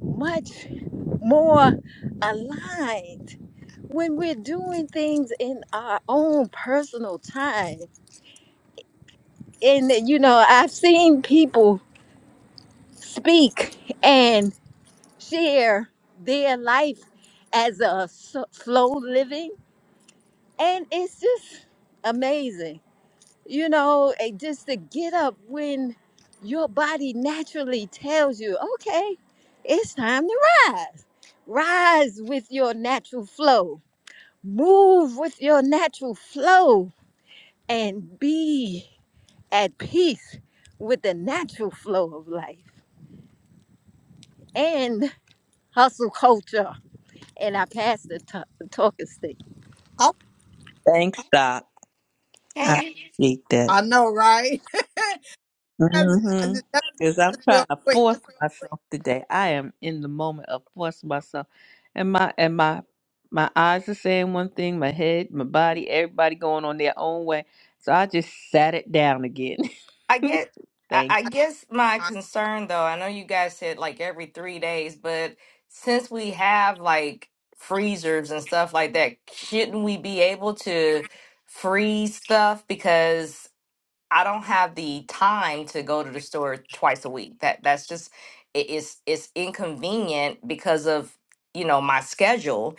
much more aligned when we're doing things in our own personal time. And, you know, I've seen people speak and share their life as a s- slow living, and it's just amazing. You know, eh, just to get up when your body naturally tells you, okay, it's time to rise. Rise with your natural flow Move with your natural flow and be at peace with the natural flow of life and hustle culture. And I passed the to- talking stick.
oh
Thanks, Doc.
Can
I
you?
appreciate that.
i know right *laughs* That's-
Mm-hmm.
that's just
Because I'm trying
real
to
quick
force myself today. I am in the moment of forcing myself, and my and my my eyes are saying one thing, my head, my body, everybody going on their own way. So I just sat it down again.
I get.
*laughs*
I,
Thank
I guess my concern, though, I know you guys said like every three days, but since we have like freezers and stuff like that, shouldn't we be able to freeze stuff? Because I don't have the time to go to the store twice a week. That that's just it, it's it's inconvenient because of you know my schedule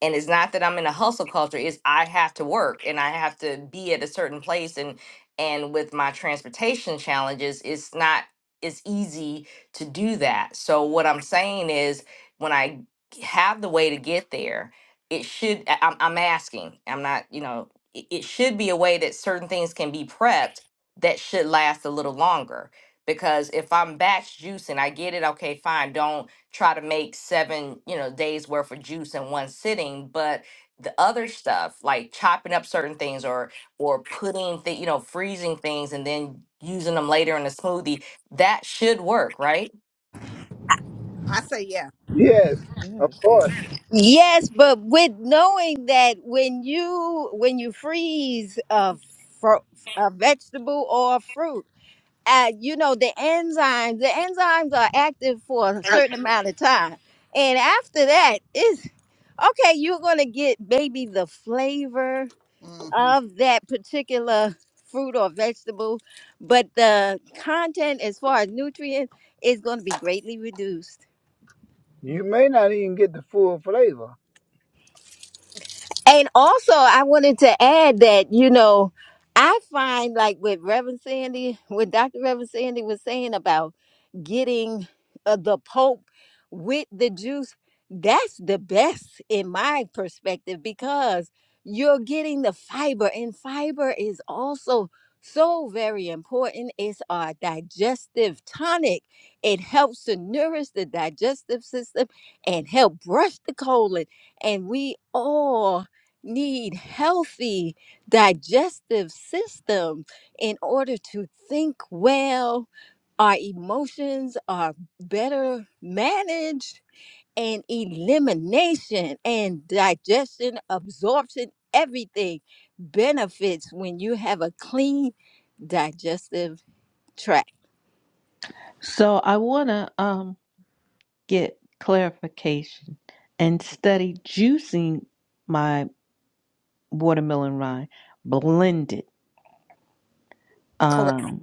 and it's not that I'm in a hustle culture it's I have to work and I have to be at a certain place and and with my transportation challenges it's not it's easy to do that so what I'm saying is when I have the way to get there it should I- I'm, I'm asking I'm not you know it, it should be a way that certain things can be prepped that should last a little longer because if I'm batch juicing I get it okay fine don't try to make seven, you know, days worth of juice in one sitting, but the other stuff like chopping up certain things or or putting the, you know, freezing things and then using them later in a smoothie, that should work, right?
I say yeah.
Yes,
you.
of
Yes, yes.
course.
Yes, but with knowing that when you when you freeze a, fro a vegetable or a fruit, uh, you know the enzymes. The enzymes are active for a certain amount of time, and after that, it's okay. You're gonna get maybe the flavor
hmm
of that particular fruit or vegetable, but the content as far as nutrients is going to be greatly reduced.
You may not even get the full flavor.
And also, I wanted to add that, you know, I find like with Reverend Sandy, what Dr. Reverend Sandy was saying about getting uh, the Pope with the juice, that's the best in my perspective because you're getting the fiber, and fiber is also so very important. It's our digestive tonic, it helps to nourish the digestive system and help brush the colon. And we all need healthy digestive system in order to think well our emotions are better managed and elimination and digestion absorption everything benefits when you have a clean digestive tract
So I wanna um get clarification and study juicing my watermelon rind blended.
Correct.
Um,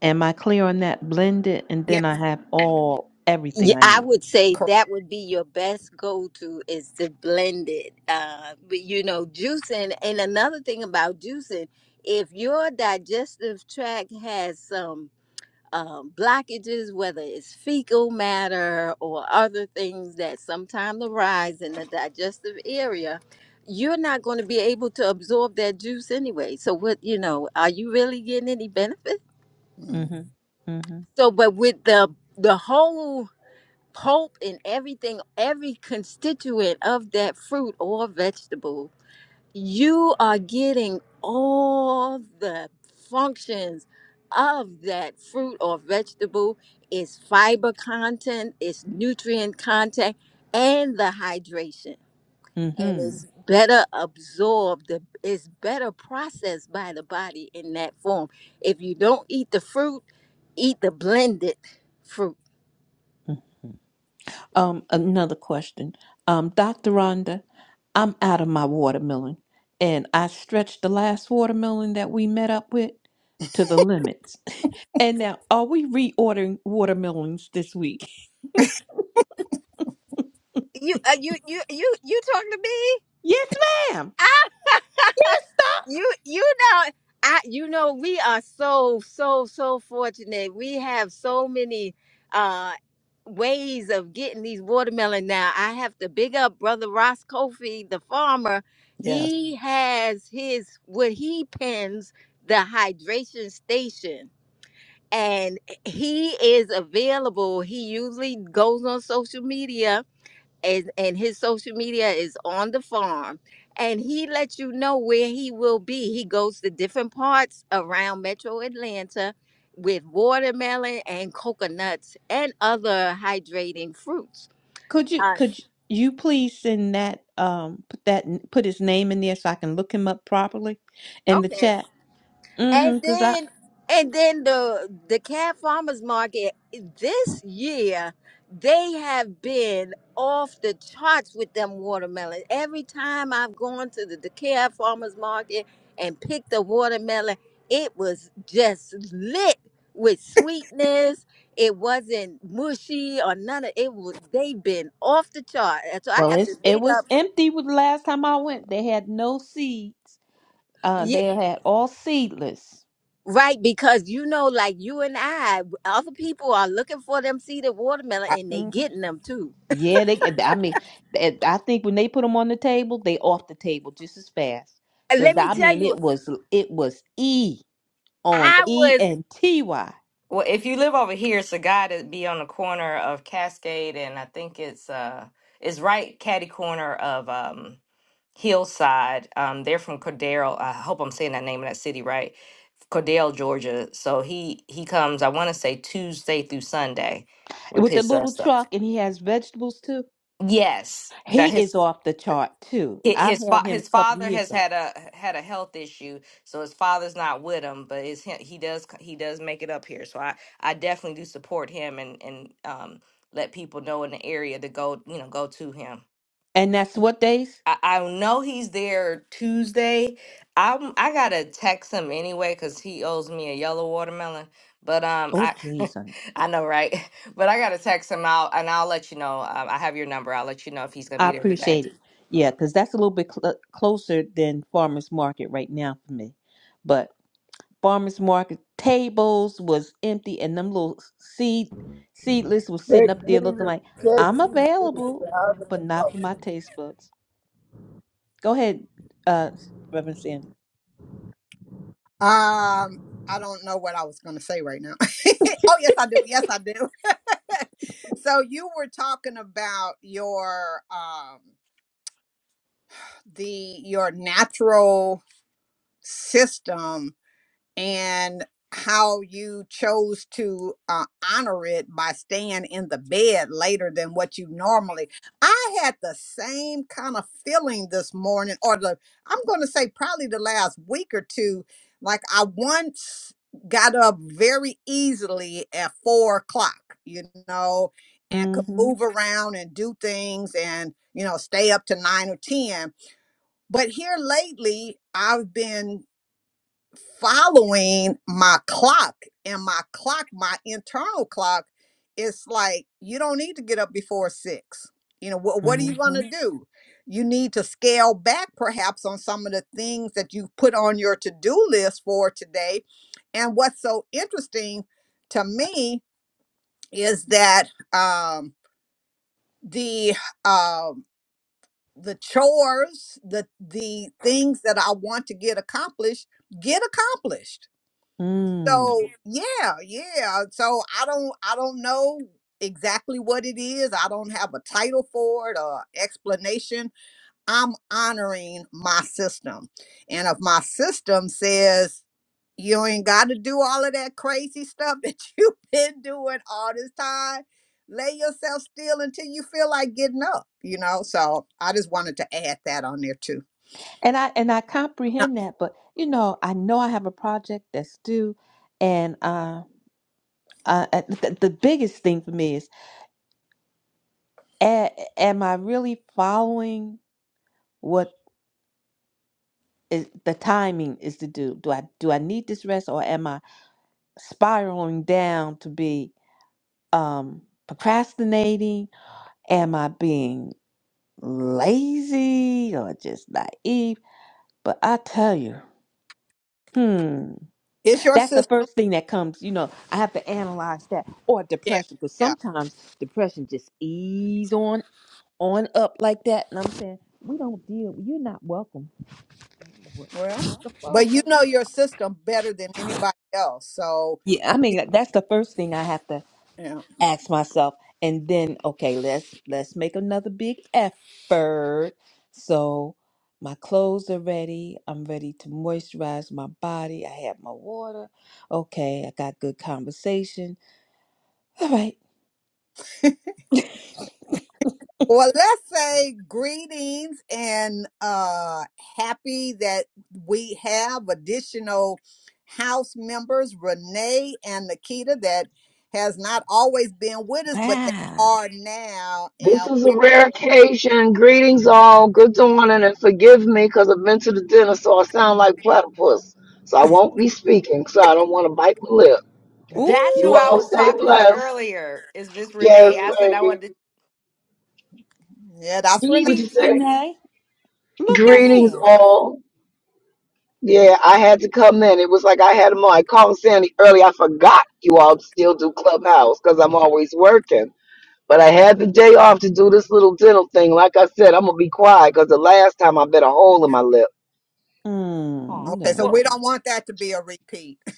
Am I clear on that? Blend it, and
Yeah.
then I have all
Yeah,
everything I
I
need.
would say
Correct.
that would be your best go-to is to blend it. Uh, but you know, juicing, and another thing about juicing, if your digestive tract has some um, blockages, whether it's fecal matter or other things that sometimes arise in the digestive area, you're not going to be able to absorb that juice anyway. So, what you know, are you really getting any benefit?
Mm.
Mm-hmm. Mm-hmm.
So, but with the the whole pulp and everything, every constituent of that fruit or vegetable, you are getting all the functions of that fruit or vegetable its fiber content, its nutrient content, and the hydration. And
Mm-hmm.
it's better absorbed, the- it's better processed by the body in that form. If you don't eat the fruit, eat the blended fruit
Um, another question. Um, Dr. Rhonda, I'm out of my watermelon and I stretched the last watermelon that we met up with to the limits. *laughs* And now are we reordering watermelons this week? *laughs*
you uh, you you you you talking to me
Yes, ma'am.
you you know i you know we are so so so fortunate we have so many uh ways of getting these watermelon now i have to big up brother ross kofi the farmer
Yes.
he has his what he pens the hydration station and he is available he usually goes on social media and and his social media is on the farm and he lets you know where he will be he goes to different parts around metro atlanta with watermelon and coconuts and other hydrating fruits
Could you
Us.
could you please send that um put that put his name in there so I can look him up properly in the
okay
chat?
And
Mm-hmm. Cause I.
then and then the the cat farmers market this year they have been off the charts with them watermelon. Every time I've gone to the, the cat farmers market and picked a watermelon, it was just lit with sweetness. It wasn't mushy or none of it. Was, they've been off the chart. And So I
Well,
have to
it's it
big
was
up.
empty with the last time I went. They had no seeds. Uh, they had all seedless.
Right, because you know, like you and I, other people are looking for them seeded watermelon
I,
and they
hmm
getting them too.
Yeah, they. I mean, they- I think when they put them on the table, they off the table just as fast.
And let
Cause
me
I
tell
mean,
you,
it was it was E on
I
E
was
and T Y
Well, if you live over here, it's a guy to be on the corner of Cascade and I think it's uh it's right catty corner of um Hillside. Um, they're from Cordero. I hope I'm saying that name of that city right. Cordell, Georgia. So he he comes. I want to say Tuesday through Sunday with
with the
his uh,
little
stuff.
truck, and he has vegetables too.
Yes, that
He is
his
off the chart too.
hi-
I've
his
had
fa-
him
his
a couple of
father
years
has
ago,
had a had a health issue, so his father's not with him. But it's him, he does c- he does make it up here. So I I definitely do support him and and um let people know in the area to go you know go to him.
and that's what they. s-
I, I know he's there Tuesday. I'm I gotta text him anyway because he owes me a yellow watermelon. But um,
Oh
I *laughs*
please,
I know right. *laughs* But I gotta text him out and I'll let you know. Um, I have your number. I'll let you know if he's gonna
I
be there today.
appreciate it. Yeah, because that's a little bit cl- closer than farmers market right now for me. But farmers market tables was empty, and them little seed seedless was sitting
Text
up
me,
there looking
the-
like
text
I'm
me too.
available,
I'll get the
but not for
problem.
my taste buds. Go ahead, uh, Reverend Sandy.
um, I don't know what I was going to say right now. *laughs* oh yes, I do. Yes, I do. *laughs* so you were talking about your um the your natural system and how you chose to uh, honor it by staying in the bed later than what you normally. I had the same kind of feeling this morning, or the I'm going to say probably the last week or two. Like I once got up very easily at four o'clock, you know, and could
Mm-hmm.
move around and do things and you know stay up to nine or ten. But here lately, I've been following my clock and my clock my internal clock it's like you don't need to get up before six you know what what are you going
Mm-hmm.
to do you need to scale back perhaps on some of the things that you put on your to-do list for today and what's so interesting to me is that um the um the chores the the things that i want to get accomplished get accomplished
Mm.
so yeah, yeah. So I don't I don't know exactly what it is. I don't have a title for it or explanation. I'm honoring my system. And if my system says you ain't got to do all of that crazy stuff that *laughs* you've been doing all this time. Lay yourself still until you feel like getting up, you know? So I just wanted to add that on there too.
And I and I
Uh,
comprehend that, but you know, I know I have a project that's due, and uh, uh, the, the biggest thing for me is. A- am I really following what is, the timing is to do? Do I do I need this rest, or am I spiraling down to be um, procrastinating? Am I being lazy or just naive? But I tell you, hmm,
It's your
that's the
system.
first thing that comes. You know, I have to analyze that or depression, because
Yeah.
sometimes depression just ease on on up like that, and I'm saying we don't deal. You're not welcome
Well,
the flow.
but you know your system better than anybody else. So,
Yeah, I mean
you
that- that's the first thing I have to
know.
ask myself, and then okay, let's let's make another big effort. So my clothes are ready. I'm ready to moisturize my body. I have my water. Okay, I got good conversation. All right.
Or let's say greetings and uh happy that we have additional house members, Renee and Nikita, that has not always been with us, but they
Wow.
are now. And
This is a
we're,
rare occasion. Greetings, all. Good morning, and forgive me because I've been to the dentist, so I sound like platypus. So I won't be speaking, so I don't want to bite my lip.
That's
You
who I
Ooh,
all
was
stay
talking about
blessed.
earlier. Is Miss
Yes,
Renee? I said I
baby.
wanted to.
yeah, that's Renee.
What'd you
readings,
say?
Renee. Look at
Greetings,
here.
all. Yeah, I had to come in. It was like I had them on. I called Sandy early. I forgot you all still do Clubhouse because I'm always working. But I had the day off to do this little dental thing. Like I said, I'm going to be quiet because the last time I bit a hole in my lip.
Oh,
Mm,
Okay, so
well,
no.
we don't want that to be a repeat. *laughs*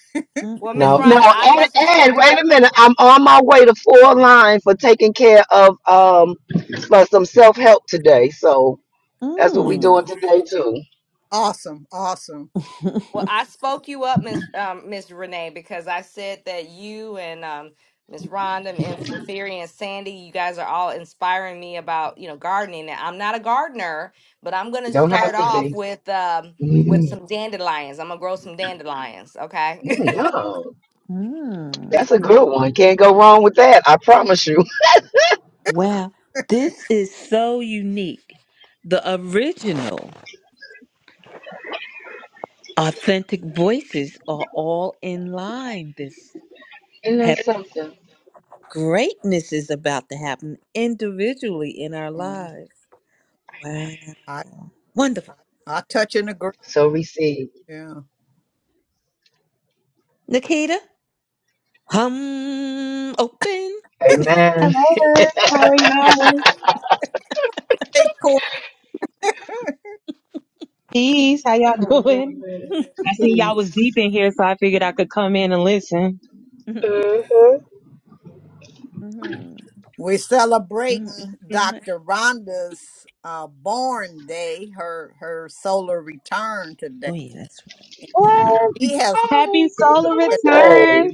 well, Miss
No,
Mm-mm.
Rhonda,
no,
I
and,
must have spoke.
and wait a minute. I'm on my way to four line for taking care of um for some self help today. So that's what we doing
Mm.
today too.
Awesome. Awesome.
Well,
*laughs*
I spoke you up, Miss um, Miss Renee, because I said that you and um, Miss Rhonda and Safiri and Sandy, you guys are all inspiring me about you know gardening. And I'm not a gardener, but I'm gonna
Don't
start
have to
off
be.
with um, with
Mm,
some dandelions. I'm gonna grow some dandelions.
mm,
Okay.
yeah,
Mm.
that's a good one. Can't go wrong with that. I promise you. *laughs*
Wow, this is so unique. The original authentic voices are all in line. This
And
hap-
that's something?
greatness is about to happen individually in our
Mm,
lives. Wow,
I,
wonderful.
I touch and agree.
So receive.
Yeah.
Nikita, hum, open.
Amen.
Hello, how are y'all?
Hey,
Peace, how y'all *laughs* doing?
*laughs*
I seen y'all was
Peace.
deep in here, so I figured I could come in and listen.
Mhm, mhm,
We're celebrating
mhm.
Dr. Rhonda's uh, born day, her her solar return today.
oh, yeah, that's right.
And
What?
she has,
Happy
Oh, good
solar
Monday.
return,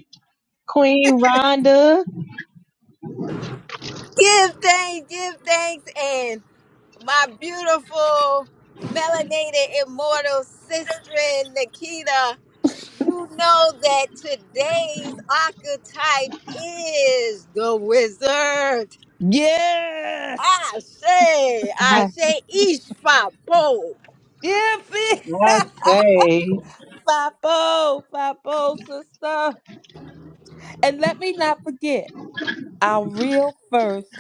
Queen Rhonda.
give thanks, give thanks, and my beautiful melanated immortal sister Nikita, you know that today's archetype is the wizard.
Yes!
Ashe,
*laughs* I,
Ashe, Ishfa, Po.
Yeah,
I say,
Fipo, Fipo, *laughs* sister. And let me not forget. our real first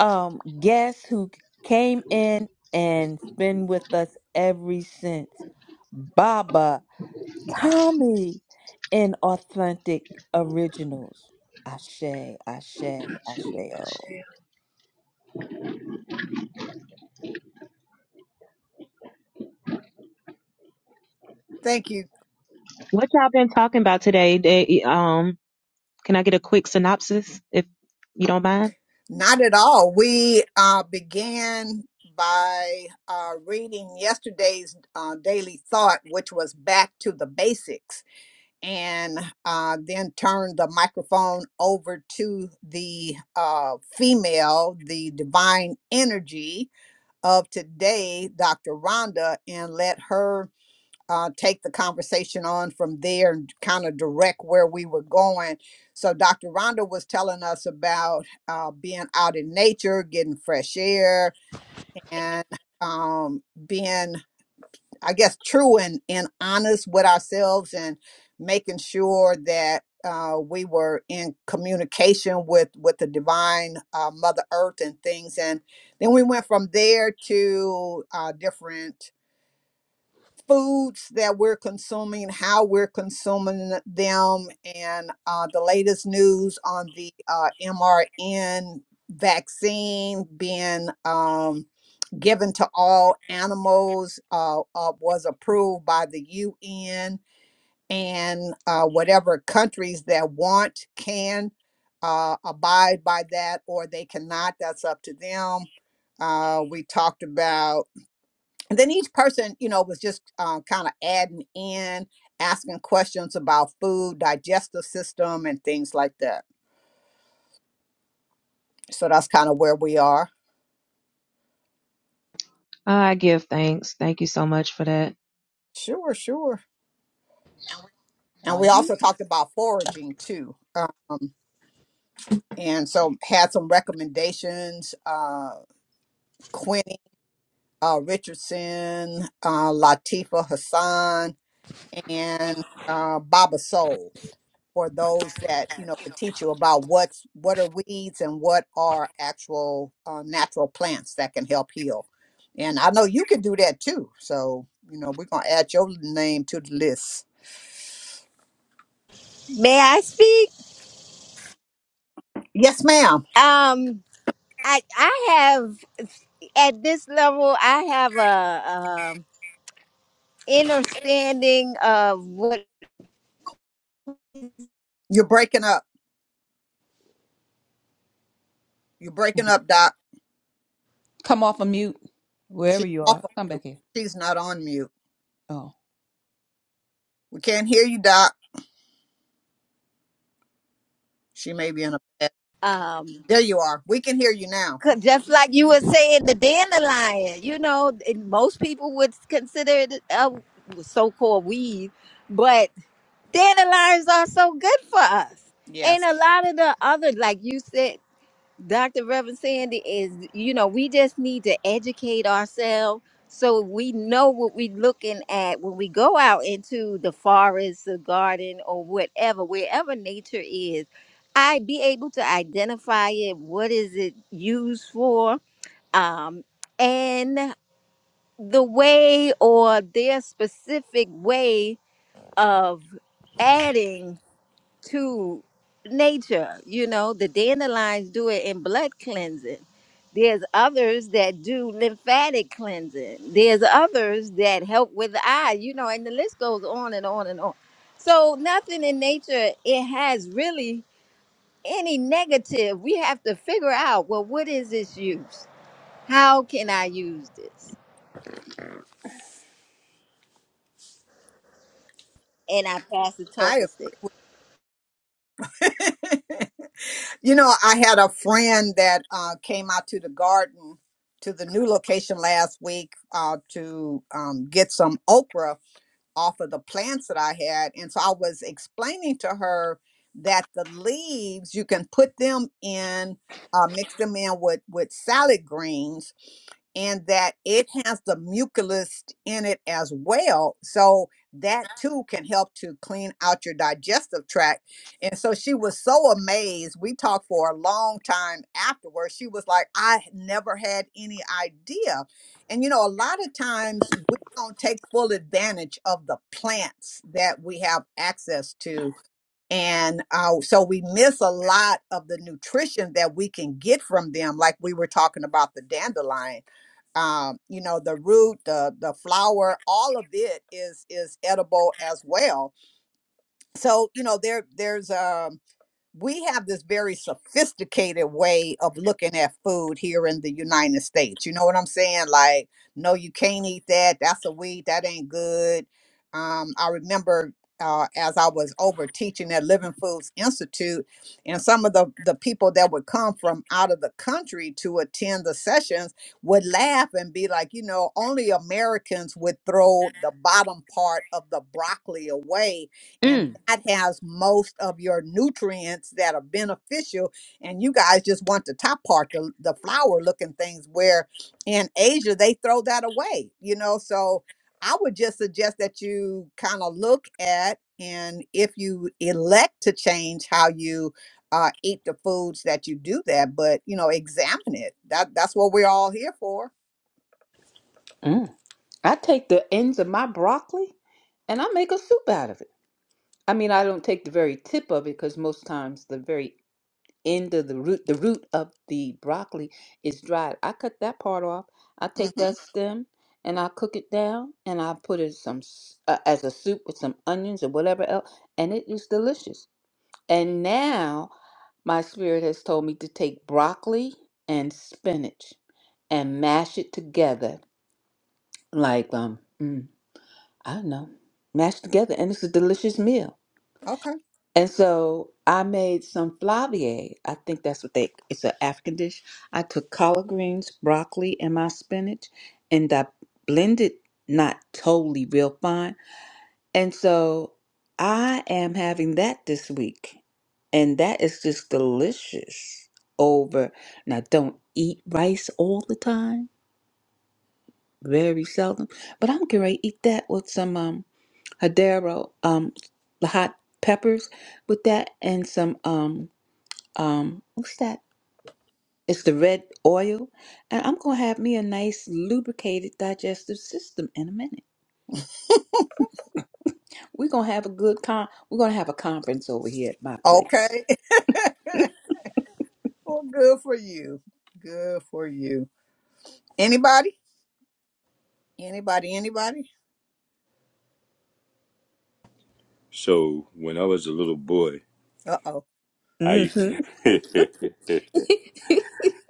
um guest who came in and been with us ever since Baba Tommy in Authentic Originals. Ashe, Ashe, Ashe, oh.
thank you,
what y'all been talking about today? They, um, Can I get a quick synopsis if you don't mind?
not at all. We uh, began by uh, reading yesterday's uh, daily thought, which was back to the basics, and uh, then turned the microphone over to the uh, female, the divine energy of today, Dr. Rhonda, and let her uh, take the conversation on from there and kind of direct where we were going. So, Dr. Rhonda was telling us about uh, being out in nature, getting fresh air, and um, being I guess true and, and honest with ourselves and making sure that uh, we were in communication with with the divine uh, mother earth and things and then we went from there to uh, different foods that we're consuming how we're consuming them and uh, the latest news on the uh, mrn vaccine being um, given to all animals uh, uh, was approved by the UN, and uh, whatever countries that want can uh, abide by that or they cannot. That's up to them. Uh, we talked about, and then each person, you know, was just uh, kind of adding in, asking questions about food, digestive system, and things like that. So that's kind of where we are.
I give thanks. Thank you so much for that.
Sure, sure. And
Are
we
you?
also talked about foraging too. Um, and so had some recommendations. Uh, Quinny uh, Richardson, uh, Latifa Hassan, and uh, Baba Soul for those that you know could teach you about what's what are weeds and what are actual uh, natural plants that can help heal. And I know you can do that too. So you know we're gonna add your name to the list.
May I speak?
Yes, ma'am.
Um. I I have at this level I have a um understanding of what
You're breaking up. You're breaking up, Doc.
Come off of mute, wherever
She's
you
off
are.
of
Come
mute.
back here.
She's not on mute.
Oh,
We can't hear you, Doc. She may be in a bed.
um
There you are. We can hear you now.
'cause just like you were saying the dandelion you know and most people would consider it a so-called weed but dandelions are so good for us and
Yes,
a lot of the other like you said Dr. Reverend Sandy is, you know, we just need to educate ourselves so we know what we're looking at when we go out into the forest, the garden, or whatever, wherever nature is. I be able to identify it, what is it used for, um, and the way or their specific way of adding to nature. You know, the dandelions do it in blood cleansing. There's others that do lymphatic cleansing. There's others that help with the eye, you know, and the list goes on and on and on. So nothing in nature it has really any negative. We have to figure out, well, what is its use? How can I use this? And I pass the
I
talking stick.
agree with *laughs* you. know, I had a friend that uh, came out to the garden to the new location last week uh, to um, get some okra off of the plants that I had. And so I was explaining to her that the leaves you can put them in, uh, mix them in with with salad greens, and that it has the mucilus in it as well. So that too can help to clean out your digestive tract. And so she was so amazed. We talked for a long time afterwards. She was like, I never had any idea. And you know, a lot of times we don't take full advantage of the plants that we have access to. And uh, so we miss a lot of the nutrition that we can get from them, like we were talking about the dandelion. Um, you know, the root, the the flower, all of it is is edible as well. So, you know, there there's um we have this very sophisticated way of looking at food here in the United States. You know what I'm saying? Like, no, you can't eat that. That's a weed. That ain't good. Um, I remember uh, as I was over teaching at Living Foods Institute, and some of the, the people that would come from out of the country to attend the sessions would laugh and be like, you know, only Americans would throw the bottom part of the broccoli away and
Mm,
that has most of your nutrients that are beneficial and you guys just want the top part the, the flower looking things where in asia they throw that away you know so i would just suggest that you kind of look at and if you elect to change how you uh, eat the foods that you do that but you know examine it that that's what we're all here for
mm. I take the ends of my broccoli and I make a soup out of it. I mean, I don't take the very tip of it because most times the very end of the root the root of the broccoli is dried i cut that part off i take
Mm-hmm.
that stem and i cook it down and i put it some s- uh, as a soup with some onions or whatever else and it is delicious and now my spirit has told me to take broccoli and spinach and mash it together like um mm, i don't know mash together and it's a delicious meal
Okay.
and so I made some flavier. I think that's what they, it's an African dish. I took collard greens, broccoli, and my spinach, and I blended, not totally real fine. And so I am having that this week. And that is just delicious over. Now, don't eat rice all the time, very seldom, but I'm going to eat that with some um, Hadero, um, hot peppers with that and some. um um what's that it's the red oil and i'm gonna have me a nice lubricated digestive system in a minute we're gonna have a good con we're gonna have a conference over here at my place
Okay. *laughs* well, good for you. Good for you. Anybody? Anybody? Anybody?
So when I was a little boy,
Uh oh.
I used
mm-hmm.
to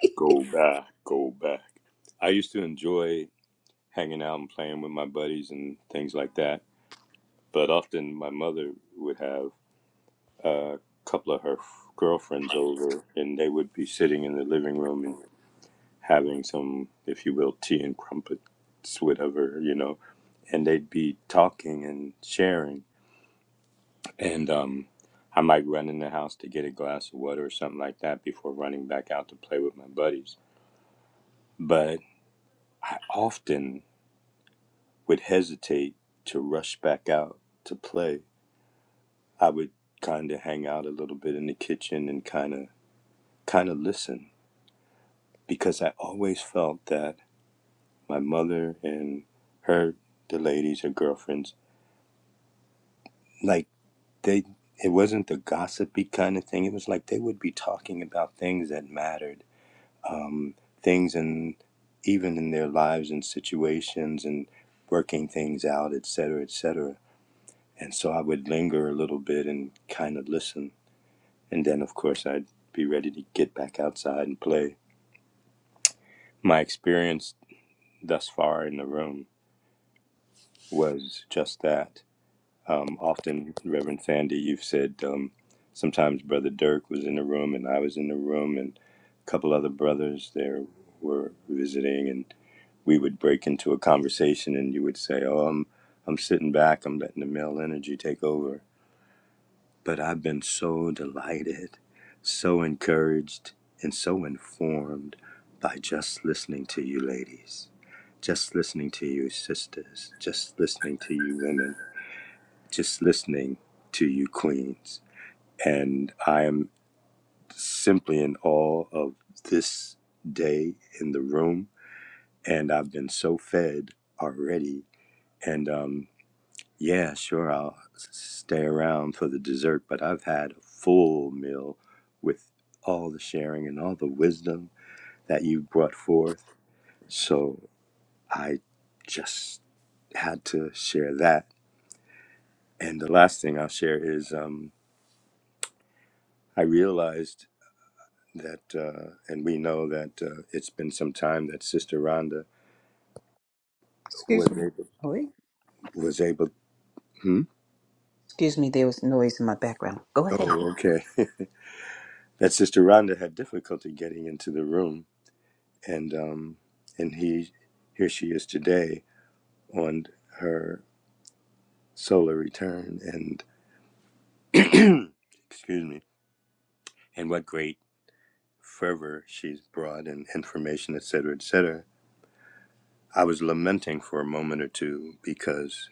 *laughs* go back, go back. I used to enjoy hanging out and playing with my buddies and things like that. But often my mother would have a couple of her f- girlfriends over, and they would be sitting in the living room and having some, if you will, tea and crumpets, whatever, you know. and they'd be talking and sharing. And um, I might run in the house to get a glass of water or something like that before running back out to play with my buddies. But I often would hesitate to rush back out to play. I would kind of hang out a little bit in the kitchen and kind of kind of listen because I always felt that my mother and her the ladies her girlfriends like they it wasn't the gossipy kind of thing. It was like they would be talking about things that mattered, um, things and even in their lives and situations and working things out, et cetera, et cetera. And so I would linger a little bit and kind of listen, and then of course I'd be ready to get back outside and play. My experience thus far in the room was just that. Um, often, Reverend Sandy, you've said um, sometimes Brother Dirk was in the room and I was in the room, and a couple other brothers there were visiting, and we would break into a conversation, and you would say, "Oh, I'm I'm sitting back. I'm letting the male energy take over." But I've been so delighted, so encouraged, and so informed by just listening to you, ladies. Just listening to you, sisters. Just listening to you, women just listening to you queens. And I am simply in awe of this day in the room. And I've been so fed already. And um, yeah, sure, I'll stay around for the dessert, but I've had a full meal with all the sharing and all the wisdom that you brought forth. So I just had to share that. And the last thing I'll share is um, I realized that uh, and we know that uh, it's been some time that Sister Rhonda
excuse
was
me
able
oh wait.
was able. Hmm?
excuse me there was noise in my background go ahead
Oh, okay. *laughs* that Sister Rhonda had difficulty getting into the room, and um, and he here she is today on her solar return, and excuse me, and what great fervor she's brought and information, et cetera, et cetera. I was lamenting for a moment or two because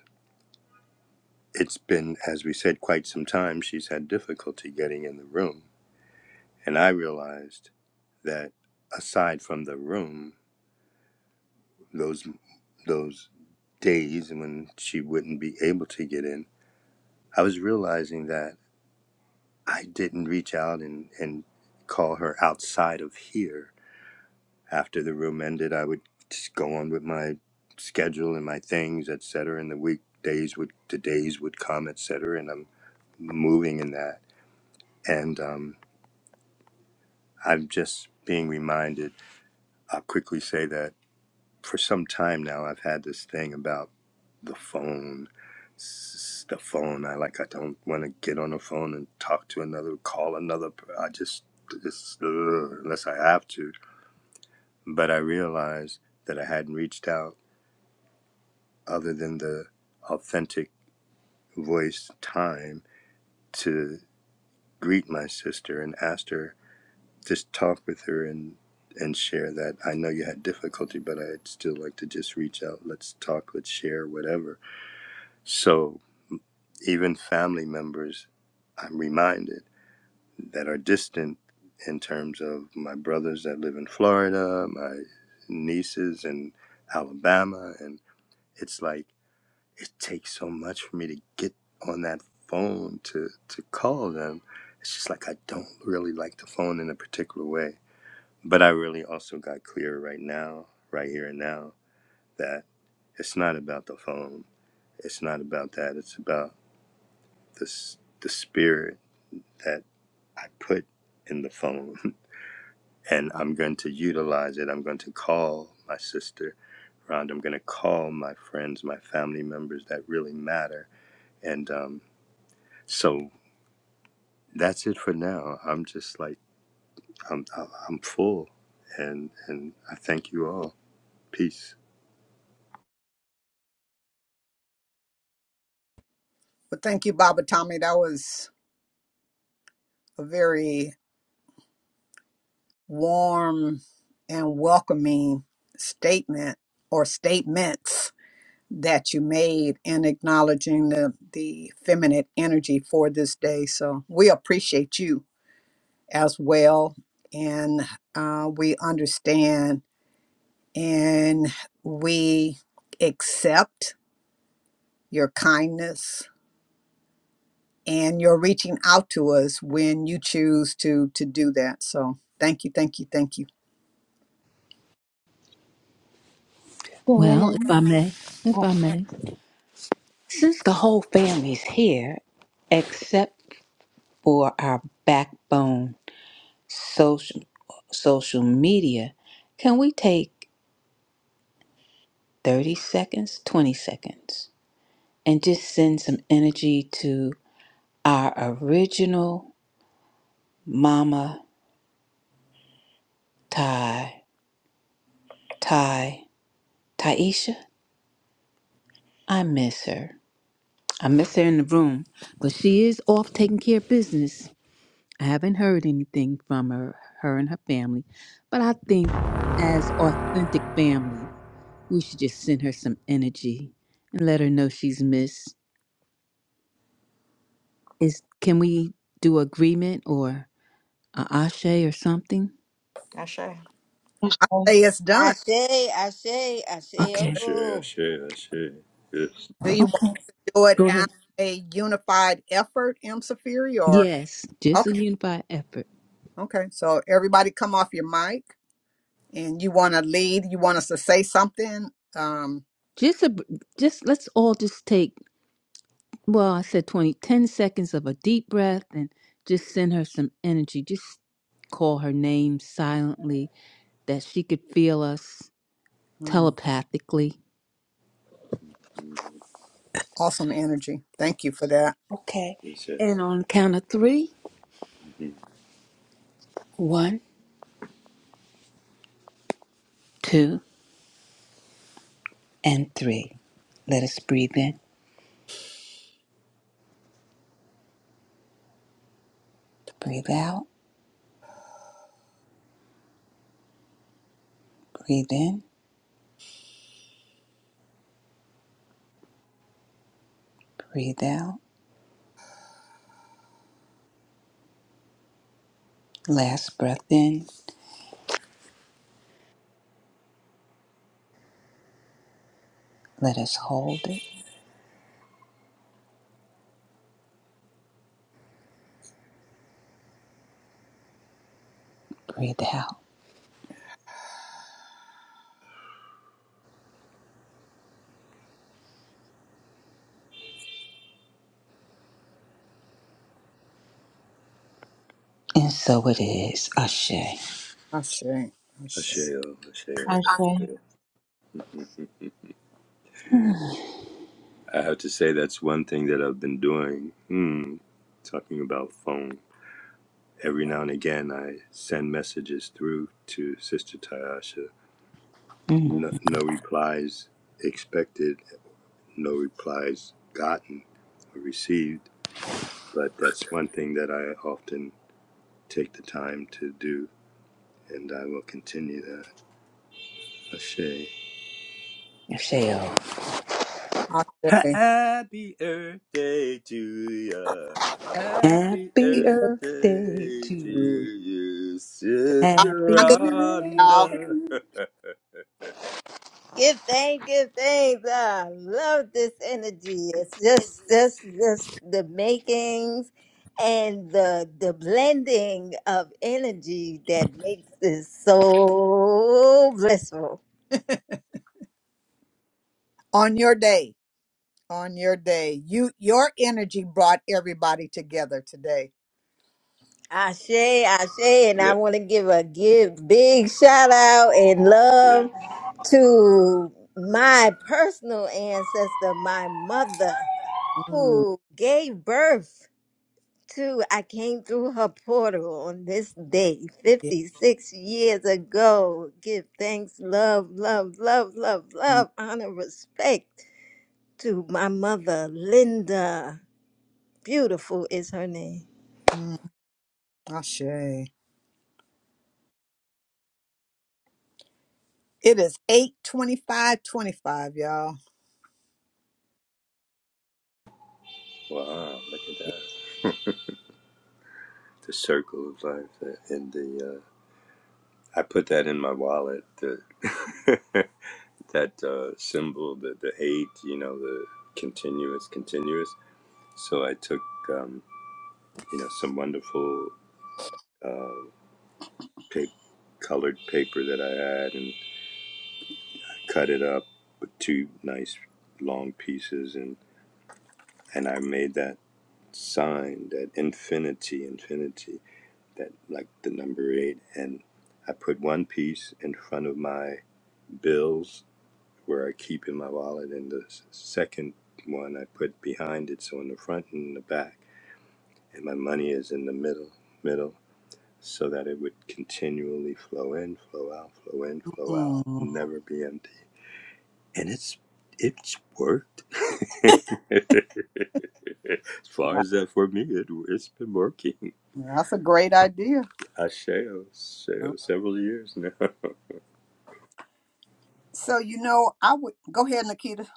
it's been, as we said, quite some time she's had difficulty getting in the room and I realized that aside from the room, those those days when she wouldn't be able to get in, I was realizing that I didn't reach out and and call her outside of here. After the room ended, I would just go on with my schedule and my things, etc. And the weekdays would the days would come, etc. And I'm moving in that, and um, I'm just being reminded. I'll quickly say that. for some time now I've had this thing about the phone. S- The phone. I like. I don't want to get on the phone and talk to another, call another. I just, just ugh, unless I have to. But I realized that I hadn't reached out, other than the authentic voice time, to greet my sister and asked her, just talk with her and and share that I know you had difficulty, but I'd still like to just reach out. Let's talk. Let's share. Whatever. So even family members, I'm reminded, that are distant in terms of my brothers that live in Florida, my nieces in Alabama. And it's like, it takes so much for me to get on that phone to, to call them. It's just like, I don't really like the phone in a particular way. But I really also got clear right now, right here and now, that it's not about the phone. It's not about that. It's about this, the spirit that I put in the phone, *laughs* and I'm going to utilize it. I'm going to call my sister around. I'm going to call my friends, my family members that really matter. And um, so that's it for now. I'm just like I'm I'm full, and and I thank you all. Peace.
Well, thank you, Baba Tommy. That was a very warm and welcoming statement or statements that you made in acknowledging the, the feminine energy for this day. So we appreciate you as well. And uh, we understand and we accept your kindness and your reaching out to us when you choose to to do that. So thank you, thank you, thank you.
Can
Well, if I
I?
may, if I may. since the whole family's here except for our backbone social social media can we take 30 seconds 20 seconds and just send some energy to our original Mama Ty, Ty, Taisha. I miss her. I miss her in the room, but she is off taking care of business. I haven't heard anything from her, her and her family, but I think as authentic family, we should just send her some energy and let her know she's missed. Is can we do agreement or a ashe or something?
*laughs* I sure.
I, I,
I say it's
I
done.
say, I say, I
I
say,
Okay.
sure
Ashe,
oh.
ashe, ashe. Yes,
do.
Okay.
do it
Go ahead.
as a unified effort, M. Safiri, or
Yes, just a
okay,
unified effort.
okay. So everybody, come off your mic, and you want to lead. You want us to say something. Um,
Just a just let's all just take well, I said 20 10 seconds of a deep breath and just send her some energy. Just call her name silently that she could feel us
mm,
telepathically.
Mm,
awesome energy. Thank you for that.
Okay.
yes, yes.
And on count of three,
hmm
one, two, and three. Let us breathe in, breathe out, breathe in, breathe out. Last breath in. Let us hold it. Breathe out. And so it is, Ashe.
Ashe, Ashe,
Ashe, oh, ashe,
I
oh. I have to say that's one thing that I've been doing. Hmm. Talking about phone. every now and again I send messages through to Sister Tayasha.
Mm.
No, no replies expected, no replies gotten or received, but that's one thing that I often take the time to do, and I will continue that. Ashe.
Ashe. oh.
Ashe.
Happy Earth Day to you. Happy
Happy
Keep
Earth
Earth Day
Day
to
to
you.
you, Sister
on
Happy
y'all.
Earth
Rhonda.
Day.
*laughs*
Give thanks, give thanks. I love this energy. It's just, just, just the makings and the the blending of energy that makes this so blissful.
On your day, on your day, you your energy brought everybody together today.
Ashe, Ashe, and
yeah,
I want to give a give big shout out and
yeah.
love to my personal ancestor, my mother,
Mm,
who gave birth. too, I came through her portal on this day
yeah,
56 years ago. Give thanks, love, love, love, love,
mm,
love, honor, respect to my mother, Linda. Beautiful is her name.
mm. Ashe. It is is eight twenty-five twenty-five, y'all.
Wow, look at that. The circle of life that- and the uh I put that in my wallet, the *laughs* that uh symbol, the the eight, you know, the continuous, continuous. So I took um, you know, some wonderful uh pa- colored paper that I had and cut it up with two nice long pieces and and I made that sign, that infinity, infinity. that like the number eight, and I put one piece in front of my bills where I keep in my wallet, and the second one I put behind it, so in the front and in the back, and my money is in the middle, middle, so that it would continually flow in, flow out, flow in, flow out,
Mm,
never be empty, and it's it's worked. *laughs* as far
Yeah,
as that for me, it, it's been working.
That's a great idea.
I share,
mm.
share several years now. *laughs*
So, you know, I would go ahead, Nikita,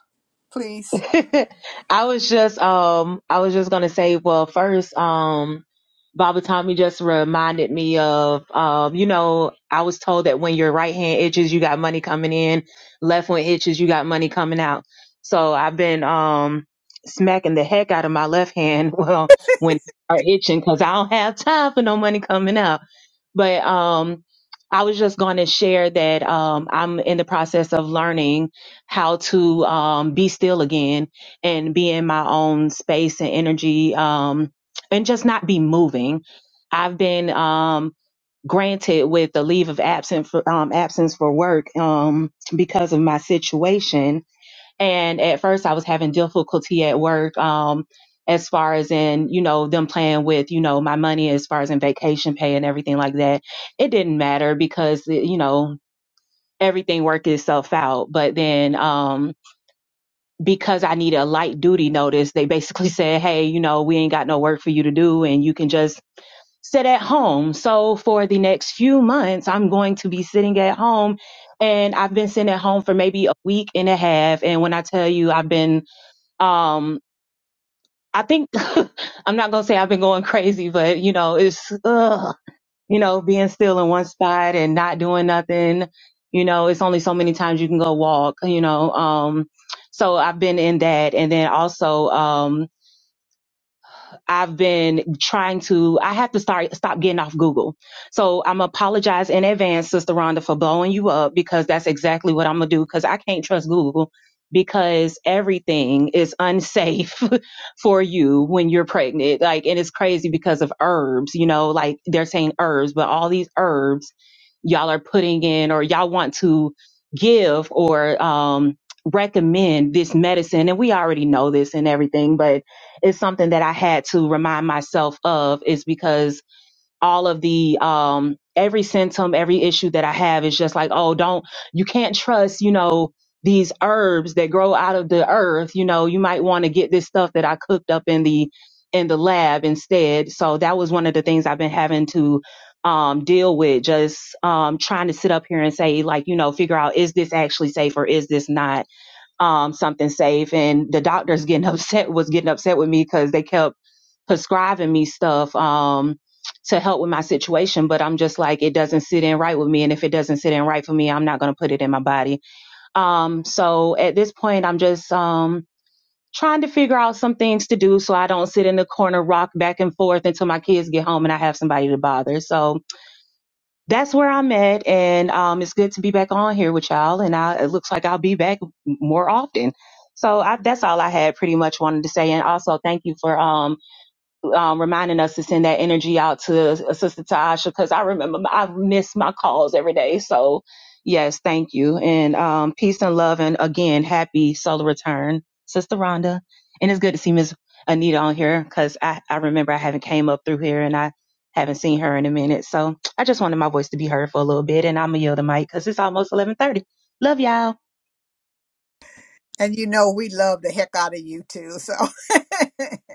please.
*laughs* I was just um I was just gonna say, well, first, um, Baba Tommy just reminded me of um, you know, I was told that when your right hand itches, you got money coming in, left one itches, you got money coming out. So I've been um smacking the heck out of my left hand *laughs* well when it are itching because I don't have time for no money coming out but um I was just going to share that um, I'm in the process of learning how to um, be still again and be in my own space and energy um, and just not be moving. I've been um, granted with a leave of absence for, um, absence for work um, because of my situation and at first I was having difficulty at work, um, as far as in, you know, them playing with, you know, my money as far as in vacation pay and everything like that. It didn't matter because, you know, everything worked itself out. But then, um, because I needed a light duty notice, they basically *laughs* said, Hey, you know, we ain't got no work for you to do and you can just sit at home. So for the next few months, I'm going to be sitting at home and I've been sitting at home for maybe a week and a half. And when I tell you I've been um i think *laughs* i'm not gonna say i've been going crazy but you know it's ugh, you know being still in one spot and not doing nothing you know it's only so many times you can go walk you know um so i've been in that and then also um. I've been trying to, I have to start, stop getting off Google. So I'm apologize in advance, Sister Rhonda, for blowing you up because that's exactly what I'm going to do because I can't trust Google because everything is unsafe *laughs* for you when you're pregnant. Like, and it's crazy because of herbs, you know, like they're saying herbs, but all these herbs y'all are putting in or y'all want to give or, um, recommend this medicine and we already know this and everything but is something that I had to remind myself of is because all of the um every symptom, every issue that I have is just like, oh, don't you can't trust, you know, these herbs that grow out of the earth, you know, you might want to get this stuff that I cooked up in the in the lab instead. So that was one of the things I've been having to um deal with just um trying to sit up here and say like, you know, figure out is this actually safe or is this not? um, something safe. And the doctors getting *laughs* upset was getting upset with me because they kept prescribing me stuff um, to help with my situation. But I'm just like, it doesn't sit in right with me. And if it doesn't sit in right for me, I'm not going to put it in my body. Um, so at this point, I'm just um, trying to figure out some things to do so I don't sit in the corner, rock back and forth until my kids get home and I have somebody to bother. So, that's where I'm at, and um, it's good to be back on here with y'all. And I, it looks like I'll be back more often. So I, that's all I had, pretty much wanted to say. And also, thank you for um, um, reminding us to send that energy out to uh, Sister Tasha because I remember I miss my calls every day. So, yes, thank you. And um, peace and love. And again, happy solar return, Sister Rhonda. And it's good to see Miss Anita on here because I, I remember I haven't came up through here and I haven't seen her in a minute. So I just wanted my voice to be heard for a little bit. And I'm going to yell the mic because it's almost 1130. Love y'all.
And you know, we love the heck out of you too. So, *laughs*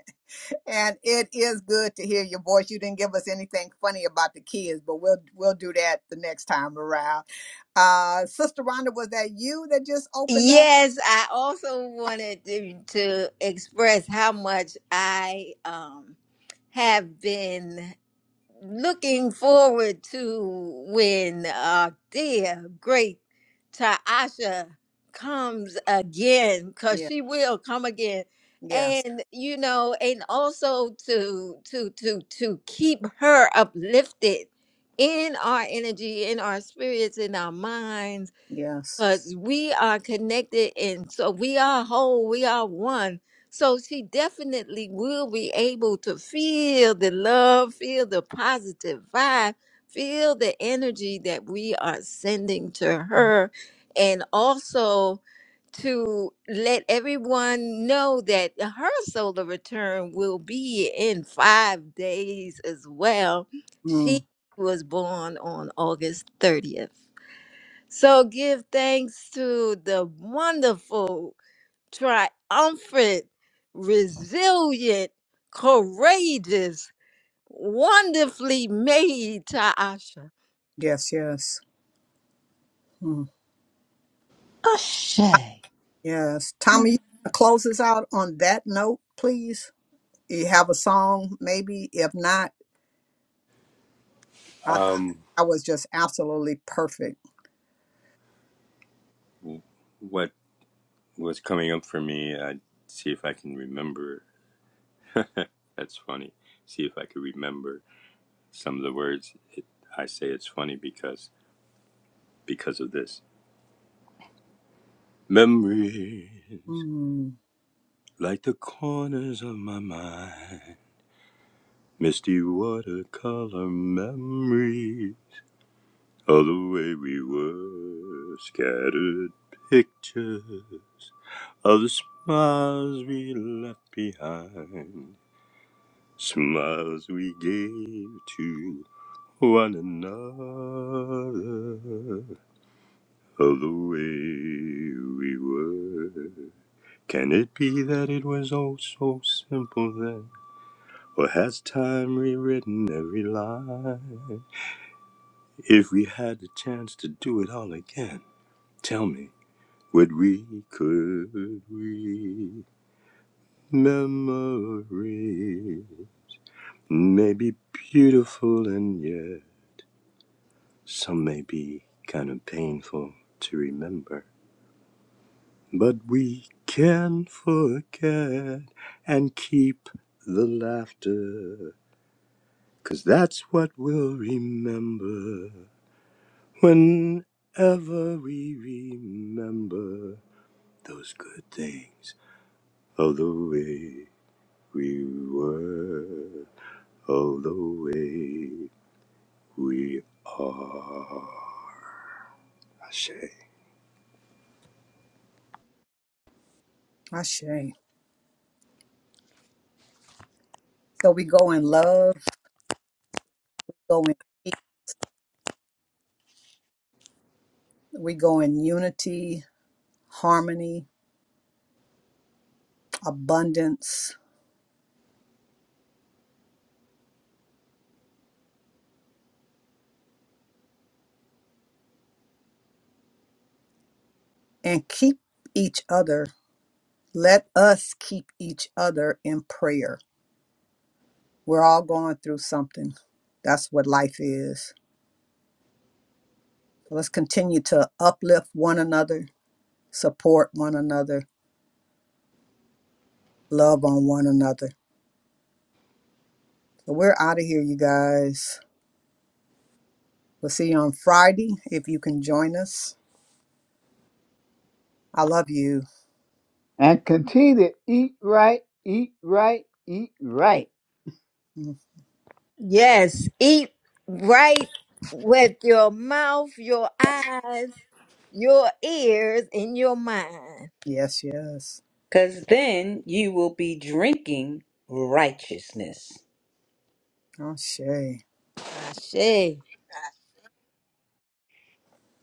And it is good to hear your voice. You didn't give us anything funny about the kids, but we'll we'll do that the next time around. Uh Sister Rhonda, was that you that just opened up?
Yes, I also wanted to, to express how much I um, have been. looking forward to when our dear great Taasha comes again, because
Yeah.
she will come again.
Yes.
And you know, and also to to to to keep her uplifted in our energy, in our spirits, in our mind
Yes.
because we are connected and so we are whole, we are one. So she definitely will be able to feel the love, feel the positive vibe, feel the energy that we are sending to her, and also to let everyone know that her solar return will be in five days as well.
Mm.
She was born on August 30th. So give thanks to the wonderful, triumphant, resilient, courageous, wonderfully made Taasha.
Yes. Yes. Mm.
Ashe.
Yes. Tommy, you wanna close us out on that note, please. You have a song, maybe. If not, I think
Um,
that was just absolutely perfect.
what was coming up for me. I'd see if I can remember. *laughs* That's funny. See if I could remember some of the words. It, I say it's funny because because of this. Memories
Mm.
like the corners of my mind, misty watercolor memory of the way we were, scattered pictures of the smiles we left behind. Smiles we gave to one another of the way we were. Can it be that it was all so simple then? Or has time rewritten every line? If we had the chance to do it all again, tell me, would we, could we? Memory may be beautiful and yet. Some may be kind of painful to remember, but we can forget and keep the laughter, 'cause that's what we'll remember whenever we remember those good things. Oh, the way we were, oh, the way we are. Ashe.
Ashe. So we go in love, go in peace, we go in unity, harmony, abundance, and keep each other. Let us keep each other in prayer. We're all going through something. That's what life is. So Let's continue to uplift one another, support one another, love on one another. So we're out of here, you guys. We'll see you on Friday if you can join us. I love you.
And continue to eat right, eat right, eat right.
Mm,
Yes, eat right with your mouth, your eyes, your ears, and your mind.
Yes, yes.
Because then you will be drinking righteousness.
Oh, Shay.
Ashe.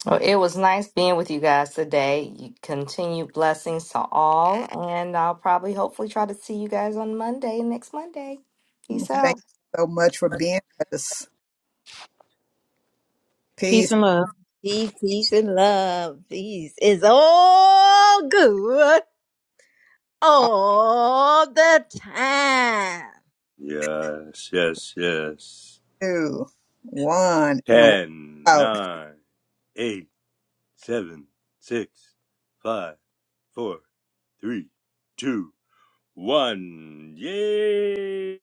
Well, it was nice being with you guys today. You continue blessings to all, and I'll probably hopefully try to see you guys on Monday next Monday. Peace out.
Thank you so much for being with us.
Peace
Peace.
and love.
Peace, peace, and love. Peace is all good all the time.
Yes, yes, yes.
two, one, and we're
Ten,
out.
nine, eight, seven, six, five, four, three, two, one. Yay!